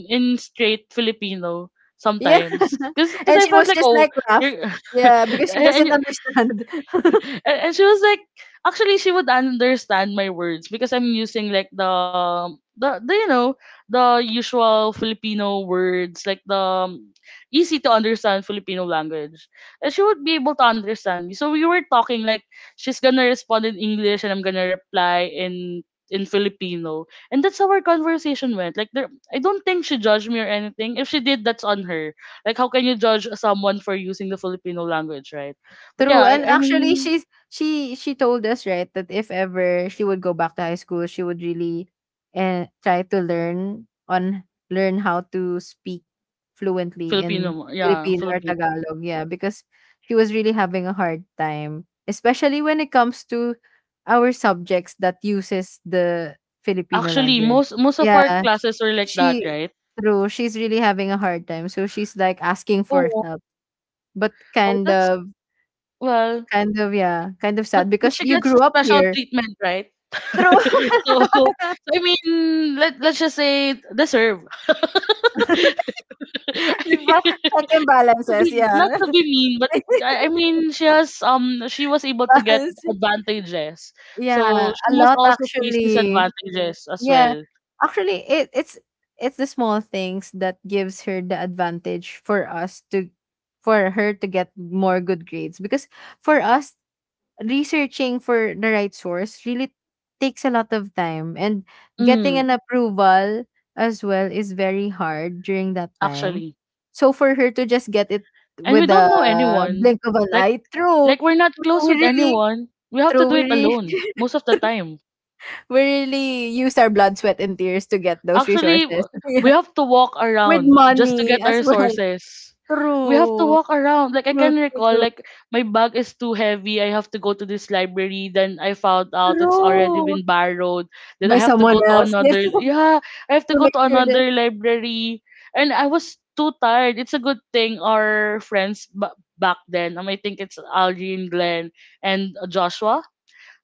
S1: in straight Filipino
S2: Yeah,
S1: sometimes, 'cause
S2: and
S1: I
S2: she
S1: felt
S2: was
S1: like,
S2: just
S1: oh,
S2: like laugh.
S1: you're
S2: Yeah, because she doesn't
S1: and
S2: understand.
S1: and she was like, actually she would understand my words because I'm using like the you know the usual Filipino words like the um, easy to understand Filipino language, and she would be able to understand me, so we were talking like she's gonna respond in English and I'm gonna reply in Filipino. And that's how our conversation went, like, there, I don't think she judged me or anything. If she did, that's on her. Like how can you judge someone for using the Filipino language, right? But yeah,
S2: True, and
S1: I
S2: actually
S1: mean
S2: she told us, right, that if ever she would go back to high school, she would really try to learn how to speak fluently
S1: Filipino
S2: in
S1: mo. Yeah,
S2: Filipino or
S1: Filipino.
S2: Tagalog. Yeah, because she was really having a hard time, especially when it comes to our subjects that uses the Filipino
S1: Actually,
S2: language.
S1: most of our
S2: Yeah.
S1: classes were like that,
S2: She
S1: right?
S2: true, she's really having a hard time. So she's like asking for
S1: Oh,
S2: help, but
S1: oh,
S2: kind
S1: that's
S2: of
S1: well,
S2: kind of, yeah, kind of
S1: but
S2: sad
S1: but
S2: because
S1: she
S2: you
S1: gets a
S2: grew up
S1: special
S2: here.
S1: treatment, right?
S2: True.
S1: So, I mean, let's just say deserve.
S2: 'Di ba?
S1: I
S2: Check and
S1: mean,
S2: balances, yeah.
S1: not to be not to be mean, but I mean, she has, she was able to get
S2: Balancing.
S1: advantages, so
S2: Yeah,
S1: she
S2: a
S1: must
S2: lot
S1: also face
S2: actually.
S1: disadvantages as
S2: Yeah.
S1: well.
S2: Actually, it's it's the small things that gives her the advantage for her to get more good grades because for us, researching for the right source really takes a lot of time, and getting
S1: Mm,
S2: an approval as well is very hard during that time.
S1: actually.
S2: So for her to just get it
S1: And we
S2: with a
S1: don't know anyone,
S2: blink of an
S1: like
S2: eye, true.
S1: like we're not
S2: True,
S1: close
S2: we
S1: with
S2: really,
S1: anyone, we have to
S2: true,
S1: do
S2: we
S1: it
S2: really
S1: alone most of the time.
S2: we really use our blood, sweat and tears to get those
S1: Actually,
S2: resources.
S1: we
S2: Yeah,
S1: have to walk
S2: with
S1: around just to
S2: money
S1: get
S2: as
S1: our
S2: well.
S1: sources. We have to
S2: True,
S1: walk around. Like I
S2: true,
S1: can
S2: true,
S1: recall,
S2: true,
S1: like, my bag is too heavy. I have to go to this library. Then I found out it's already
S2: true
S1: been borrowed. Then I
S2: by
S1: have to
S2: someone
S1: go to
S2: else. Yes,
S1: another. Yeah,
S2: to
S1: I have to go
S2: make
S1: to
S2: sure that
S1: another library. And I was too tired. It's a good thing our friends back then. I think it's Algie and Glenn and Joshua.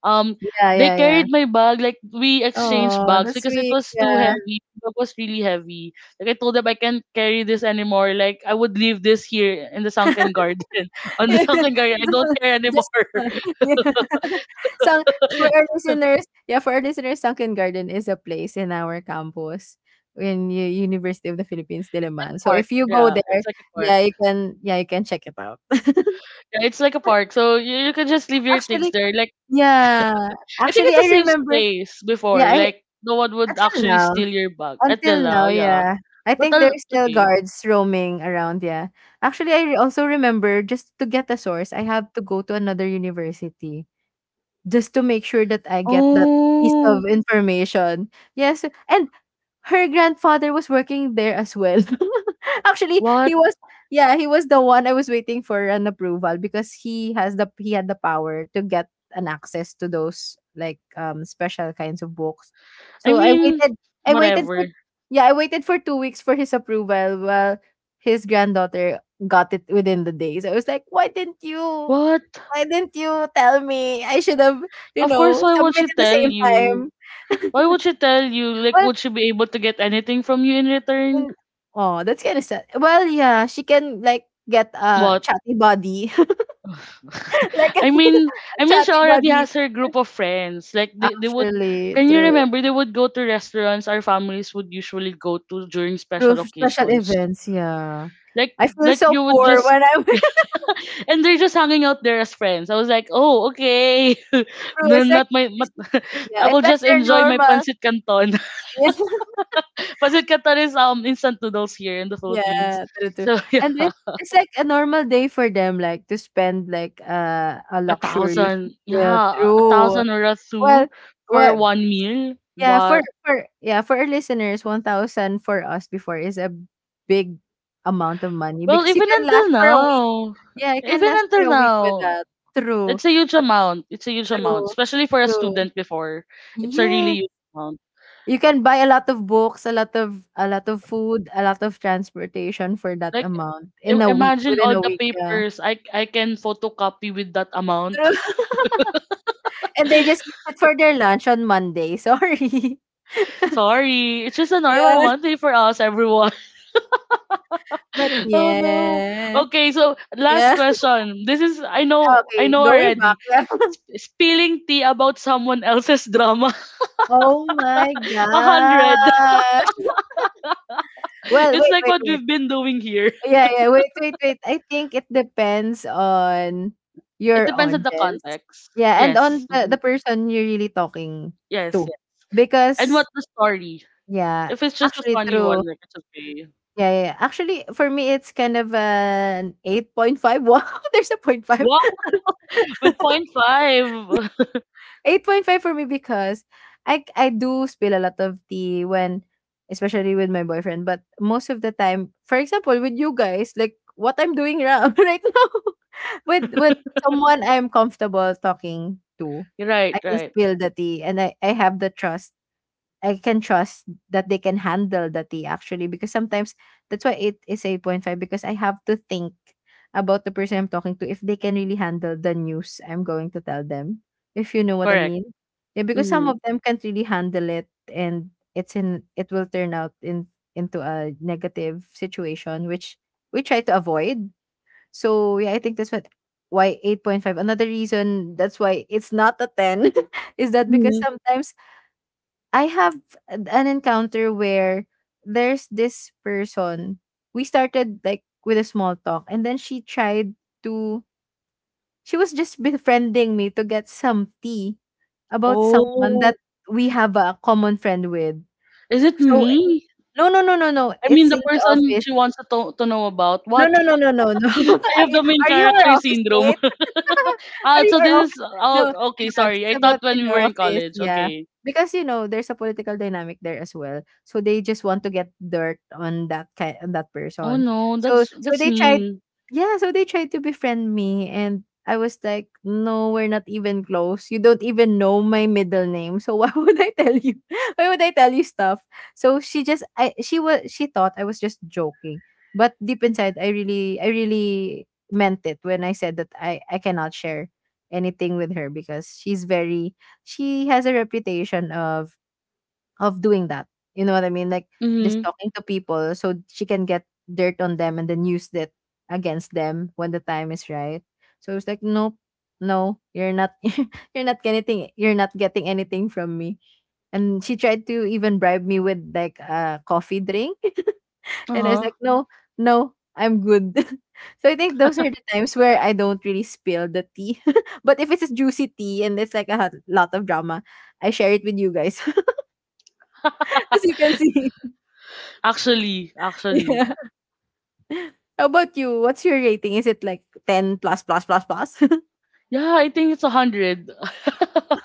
S1: um
S2: yeah,
S1: they
S2: yeah, yeah.
S1: carried my bag. Like, we exchanged
S2: Oh,
S1: bags
S2: that's
S1: because it
S2: sweet,
S1: was too
S2: yeah.
S1: heavy, it was really heavy. Like, I told them I can't carry this anymore. Like, I would leave this here in the sunken garden, on the sunken garden, I don't care
S2: Just
S1: anymore.
S2: yeah. So, for our
S1: It's
S2: listeners, yeah, for our listeners, Sunken Garden is a place in our campus in U University of the Philippines,
S1: a
S2: Diliman. So,
S1: park,
S2: if you go
S1: yeah,
S2: there,
S1: it's like a park.
S2: yeah, you can, yeah, you can check it out.
S1: Yeah, it's like a park, so you can just leave your things
S2: Actually,
S1: there. Like,
S2: yeah.
S1: I think
S2: Actually,
S1: it's a
S2: I
S1: safe
S2: remember
S1: space
S2: yeah,
S1: before,
S2: I
S1: like no one would
S2: until
S1: actually
S2: now.
S1: steal your bag at the
S2: Until now,
S1: law, yeah.
S2: yeah. I
S1: But
S2: think
S1: I'll,
S2: there's
S1: it's
S2: still
S1: okay.
S2: guards roaming around, yeah. Actually, I also remember, just to get a source, I have to go to another university just to make sure that I get that piece of
S1: Oh.
S2: information. Yes, and her grandfather was working there as well. Actually, he
S1: what
S2: was, yeah, he was the one. I was waiting for an approval because he had the power to get an access to those like special kinds of books.
S1: I
S2: So I
S1: mean
S2: waited I waited for
S1: whatever
S2: yeah, I waited for 2 weeks for his approval, while his granddaughter got it within the day. So I was like, "Why didn't you
S1: What?
S2: tell me? I should have, you
S1: Of course,
S2: know,
S1: why would she
S2: submitted the
S1: tell
S2: same
S1: you?
S2: time."
S1: Why would she tell you? Like,
S2: Well,
S1: would she be able to get anything from you in return?
S2: yun, aw, that's kinda sad. Well, yeah, she can, like, get a
S1: What?
S2: chatty body, like a
S1: I mean, I mean, she
S2: chatty
S1: already
S2: buddy.
S1: has her group of friends. Like, they would,
S2: Actually,
S1: can you
S2: true.
S1: remember, they would go to restaurants our families would usually go to during
S2: Through
S1: special
S2: special
S1: occasions.
S2: events, yeah.
S1: Like,
S2: I feel
S1: like
S2: so
S1: you would
S2: poor
S1: just,
S2: when I'm
S1: and they're just hanging out there as friends. I was like, oh, okay.
S2: through
S1: No,
S2: it's like
S1: not my,
S2: it's
S1: not- I
S2: yeah, it's
S1: will
S2: like
S1: just
S2: they're
S1: enjoy my
S2: normal.
S1: pancit canton. Pasit Canton is instant noodles here in the Philippines.
S2: Yeah, true, true.
S1: So, yeah,
S2: And it's like a normal day for them, like, to spend, like, a
S1: a
S2: luxurious
S1: thousand.
S2: meal.
S1: Yeah, a
S2: True.
S1: thousand or a
S2: Well,
S1: two for
S2: well,
S1: one meal.
S2: yeah, for
S1: What?
S2: for yeah, for our listeners, 1,000 for us before is a big amount of money,
S1: Well,
S2: because you can last for a week. Yeah, you can
S1: even
S2: last for
S1: until
S2: a week with
S1: now,
S2: that. True,
S1: it's a huge amount. It's a huge amount,
S2: true,
S1: especially for a
S2: true.
S1: student. Before, it's a
S2: Yes.
S1: really huge amount.
S2: You can buy a lot of books, a lot of food, a lot of transportation for that
S1: Like,
S2: amount
S1: im
S2: in a week,
S1: imagine
S2: within
S1: all
S2: a
S1: the
S2: week, yeah.
S1: papers I can photocopy with that amount.
S2: True. And they just use it for their lunch on Monday. Sorry.
S1: Sorry, it's just a normal
S2: Yeah.
S1: Monday for us, everyone.
S2: But
S1: Oh no.
S2: yeah.
S1: Okay, so last
S2: Yeah.
S1: question. This is, I know, I
S2: Okay,
S1: know
S2: going back.
S1: already.
S2: Yeah.
S1: Spilling tea about someone else's drama.
S2: Oh my
S1: A hundred.
S2: gosh. Well,
S1: It's
S2: wait,
S1: like
S2: wait,
S1: what
S2: wait.
S1: we've been doing here.
S2: Yeah, yeah, wait, wait, wait. I think it depends on
S1: It
S2: your
S1: depends on the
S2: audience.
S1: context.
S2: Yeah, and
S1: Yes.
S2: on the
S1: Mhm.
S2: person you're really talking
S1: Yes.
S2: to.
S1: Yeah. And what
S2: Because
S1: the story.
S2: yeah,
S1: If it's just a
S2: actually
S1: funny
S2: true.
S1: one, like it's okay.
S2: Yeah, yeah, yeah. Actually for me it's kind of an 8.5. Wow, there's a point five.
S1: What? With point five.
S2: 8.5 for me because I do spill a lot of tea when, especially with my boyfriend, but most of the time, for example, with you guys, like what I'm doing right now with someone I'm comfortable talking to,
S1: Right,
S2: I can
S1: right.
S2: spill the tea, and I have the trust. I can trust that they can handle the tea, actually, because sometimes that's why it is 8.5, because I have to think about the person I'm talking to if they can really handle the news I'm going to tell them. If you know what I
S1: Correct.
S2: mean. Yeah, because some
S1: Mm-hmm.
S2: of them can't really handle it, and it will turn out in into a negative situation, which we try to avoid. So yeah, I think that's what why 8.5. Another reason that's why it's not a 10 is that, because
S1: Mm-hmm.
S2: sometimes I have an encounter where there's this person. We started like with a small talk, and then she tried to. She was just befriending me to get some tea about someone that
S1: Oh,
S2: we have a common friend with.
S1: is it
S2: So
S1: me?
S2: no, no, no, no, no.
S1: I mean
S2: It's
S1: the
S2: in the
S1: person
S2: office.
S1: she wants to to know about.
S2: No,
S1: What?
S2: no, no, no, no, no.
S1: I
S2: Are
S1: have
S2: you
S1: the main
S2: our
S1: character
S2: office
S1: syndrome.
S2: mate? Or
S1: Ah, so
S2: your
S1: this is,
S2: office.
S1: oh
S2: No,
S1: okay,
S2: yeah, this
S1: sorry.
S2: is
S1: I thought
S2: about
S1: when
S2: in
S1: we
S2: your
S1: were in
S2: office.
S1: college.
S2: Yeah.
S1: Okay.
S2: Because you know, there's a political dynamic there as well. So they just want to get dirt on that on that
S1: Oh
S2: person.
S1: no,
S2: So so
S1: that's
S2: they tried
S1: mean.
S2: yeah, so they tried to befriend me, and I was like, no, we're not even close. You don't even know my middle name. So why would I tell you? Why would I tell you stuff? So she was, she thought I was just joking. But deep inside, I really meant it when I said that I cannot share anything with her, because she's very, she has a reputation of doing that. You know what I mean? Like just
S1: Mm-hmm.
S2: talking to people so she can get dirt on them, and then use that against them when the time is right. So it's like, nope, no, you're not you're not getting anything from me. And she tried to even bribe me with like a coffee drink. And I was
S1: Uh-huh.
S2: like, no, no, I'm good. So I think those are the times where I don't really spill the tea. But if it's a juicy tea and it's like a lot of drama, I share it with you guys. As you can see.
S1: Actually, actually.
S2: Yeah. How about you? What's your rating? Is it like 10 plus plus plus plus?
S1: Yeah, I think it's a hundred.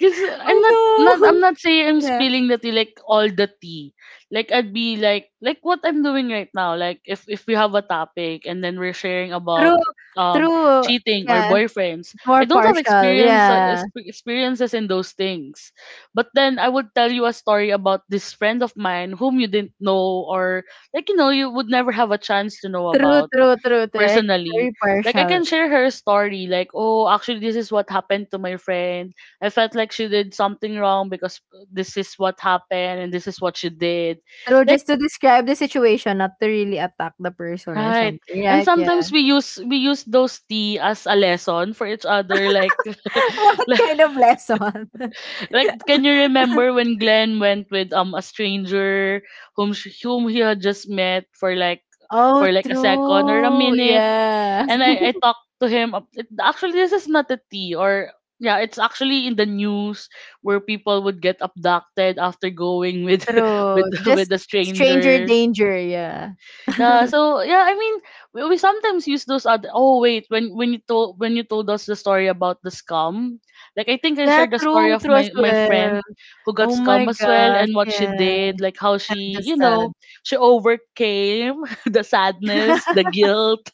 S1: Cause I'm not
S2: Oh
S1: I'm not saying I'm
S2: no. Yeah.
S1: spilling the tea like all the tea. Like, I'd be like what I'm doing right now. Like, if we have a topic and then we're sharing about
S2: True.
S1: um
S2: True.
S1: cheating or
S2: Yeah.
S1: boyfriends, I
S2: More
S1: don't have
S2: partial.
S1: experience,
S2: Yeah.
S1: experiences in those things. But then I would tell you a story about this friend of mine whom you didn't know, or like, you know, you would never have a chance to know
S2: True,
S1: about
S2: true, true, true. Like,
S1: personally.
S2: very
S1: Like, I
S2: partial.
S1: can share her story, like oh, actually this is what happened to my friend. I felt like she did something wrong because this is what happened and this is what she did.
S2: True,
S1: Like,
S2: just to describe the situation, not to really attack the person or
S1: right.
S2: something,
S1: And
S2: right? Yeah.
S1: sometimes we use those tea as a lesson for each other, like
S2: What
S1: like
S2: kind of lesson?
S1: like, can you remember when Glenn went with a stranger whom he had just met for like,
S2: Oh,
S1: for like a second or a
S2: true.
S1: minute,
S2: Yeah.
S1: and I talked to him. Actually, this is not a tea, or yeah, it's actually in the news where people would get abducted after going with
S2: True.
S1: with
S2: Just
S1: a
S2: stranger
S1: stranger.
S2: danger, yeah.
S1: Yeah, so yeah, I mean, we sometimes use those other. Oh wait, when you told us the story about the scam, like I think I
S2: Yeah,
S1: shared the story
S2: true,
S1: of
S2: true as
S1: my
S2: well.
S1: friend who got
S2: Oh my
S1: scam as well
S2: gosh,
S1: and what she
S2: yeah.
S1: did, like how
S2: I'm
S1: she,
S2: just
S1: you
S2: sad.
S1: know, she overcame the sadness, the guilt,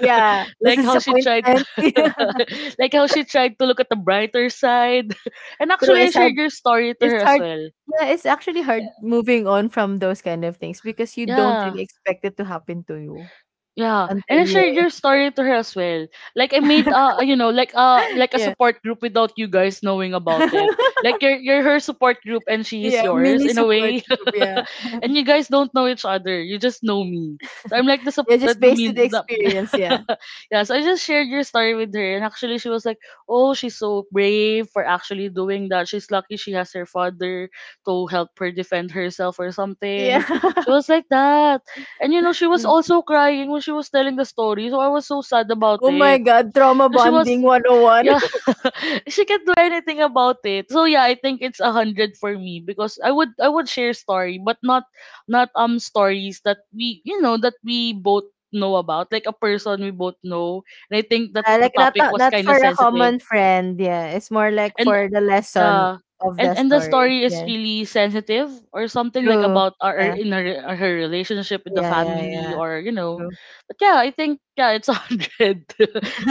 S2: Yeah, this
S1: like
S2: is
S1: how she tried,
S2: disappointment.
S1: like how she tried to look at the brighter side, and
S2: True,
S1: actually I
S2: it's hard.
S1: shared your story to her
S2: It's
S1: as
S2: hard.
S1: well.
S2: Yeah, it's actually hard moving on from those kind of things, because you don't
S1: Yeah,
S2: really expect it to happen to you
S1: yeah, and
S2: until
S1: I shared
S2: yeah.
S1: your story to her as well. Like, I made you know, like a
S2: Yeah.
S1: support group without you guys knowing about it. Like, you're her support group and she is
S2: Yeah,
S1: yours
S2: mini
S1: in a
S2: support
S1: way,
S2: group, yeah.
S1: and you guys don't know each other. You just know me. So I'm like the sup-
S2: Yeah, just
S1: the
S2: based on the
S1: mean the,
S2: experience, yeah.
S1: yeah. So I just shared your story with her, and actually she was like, oh, she's so brave for actually doing that. She's lucky she has her father to help her defend herself or
S2: Yeah.
S1: something. She was like that, and you know, she was
S2: Mm.
S1: also crying when she was telling the story. So I was so sad about
S2: Oh my
S1: it.
S2: god, trauma
S1: Because she was,
S2: bonding 101.
S1: yeah, she can't do anything about it. So yeah, I think it's a hundred for me because I would share story, but not, not stories that we, you know, that we both know about, like a person we both know. And I think that
S2: Yeah,
S1: the
S2: like not
S1: topic was
S2: not
S1: kind
S2: for
S1: of
S2: a
S1: sensitive.
S2: common friend. Yeah, it's more like
S1: And
S2: for the lesson
S1: yeah.
S2: of the
S1: And the
S2: story.
S1: story is
S2: Yeah,
S1: really sensitive or something, like
S2: true.
S1: about
S2: Yeah,
S1: in her, her relationship with the
S2: yeah, yeah,
S1: family,
S2: yeah.
S1: or you know.
S2: True.
S1: But yeah, I think yeah, it's a hundred.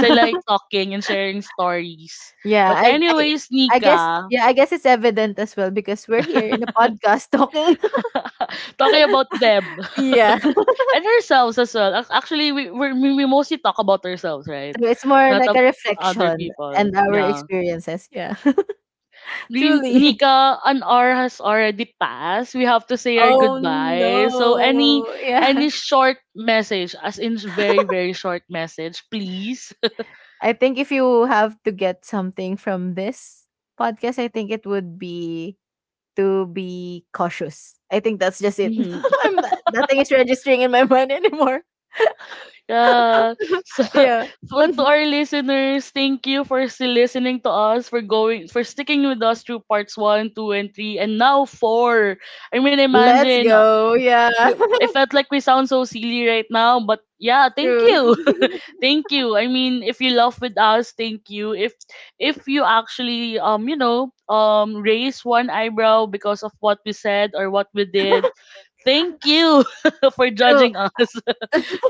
S1: So I like talking and sharing stories.
S2: Yeah,
S1: But anyways,
S2: I guess.
S1: Nika.
S2: Yeah, I guess it's evident as well because we're here in a podcast talking.
S1: Talking about them.
S2: Yeah.
S1: And ourselves as well. Actually, we mostly talk about ourselves, right?
S2: So it's more
S1: Not
S2: like a
S1: ab- Other
S2: reflection
S1: people.
S2: and our
S1: Yeah.
S2: experiences. Yeah, truly.
S1: Nika, an hour has already passed. We have to say our
S2: Oh
S1: goodbyes. So any
S2: no. Yeah.
S1: any short message, as in very very short message, please.
S2: I think if you have to get something from this podcast, I think it would be to be cautious. I think that's just it.
S1: Mhm.
S2: I'm not, nothing is registering in my mind anymore.
S1: Yeah. So,
S2: Yeah.
S1: so to our listeners, thank you for still listening to us, for going, for sticking with us through parts one, two, and three, and now four. I mean,
S2: Let's
S1: imagine,
S2: go. Yeah.
S1: we, I felt like we sound so silly right now, but yeah, thank you.
S2: True.
S1: Thank you. I mean, if you love with us, thank you. If you actually you know, raise one eyebrow because of what we said or what we did, thank you for
S2: True.
S1: judging us,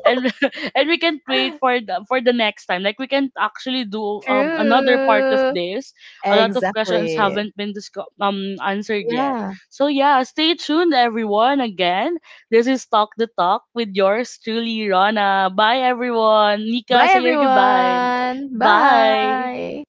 S1: and and we can create for the next time. Like, we can actually do another part of
S2: True.
S1: this. A lot of questions
S2: Exactly.
S1: haven't been answered yet.
S2: Yeah.
S1: So yeah, stay tuned everyone. Again, this is Talk the Talk with yours truly, Rana. Bye everyone. Nika,
S2: Bye
S1: say your goodbye.
S2: everyone.
S1: Bye.
S2: Bye.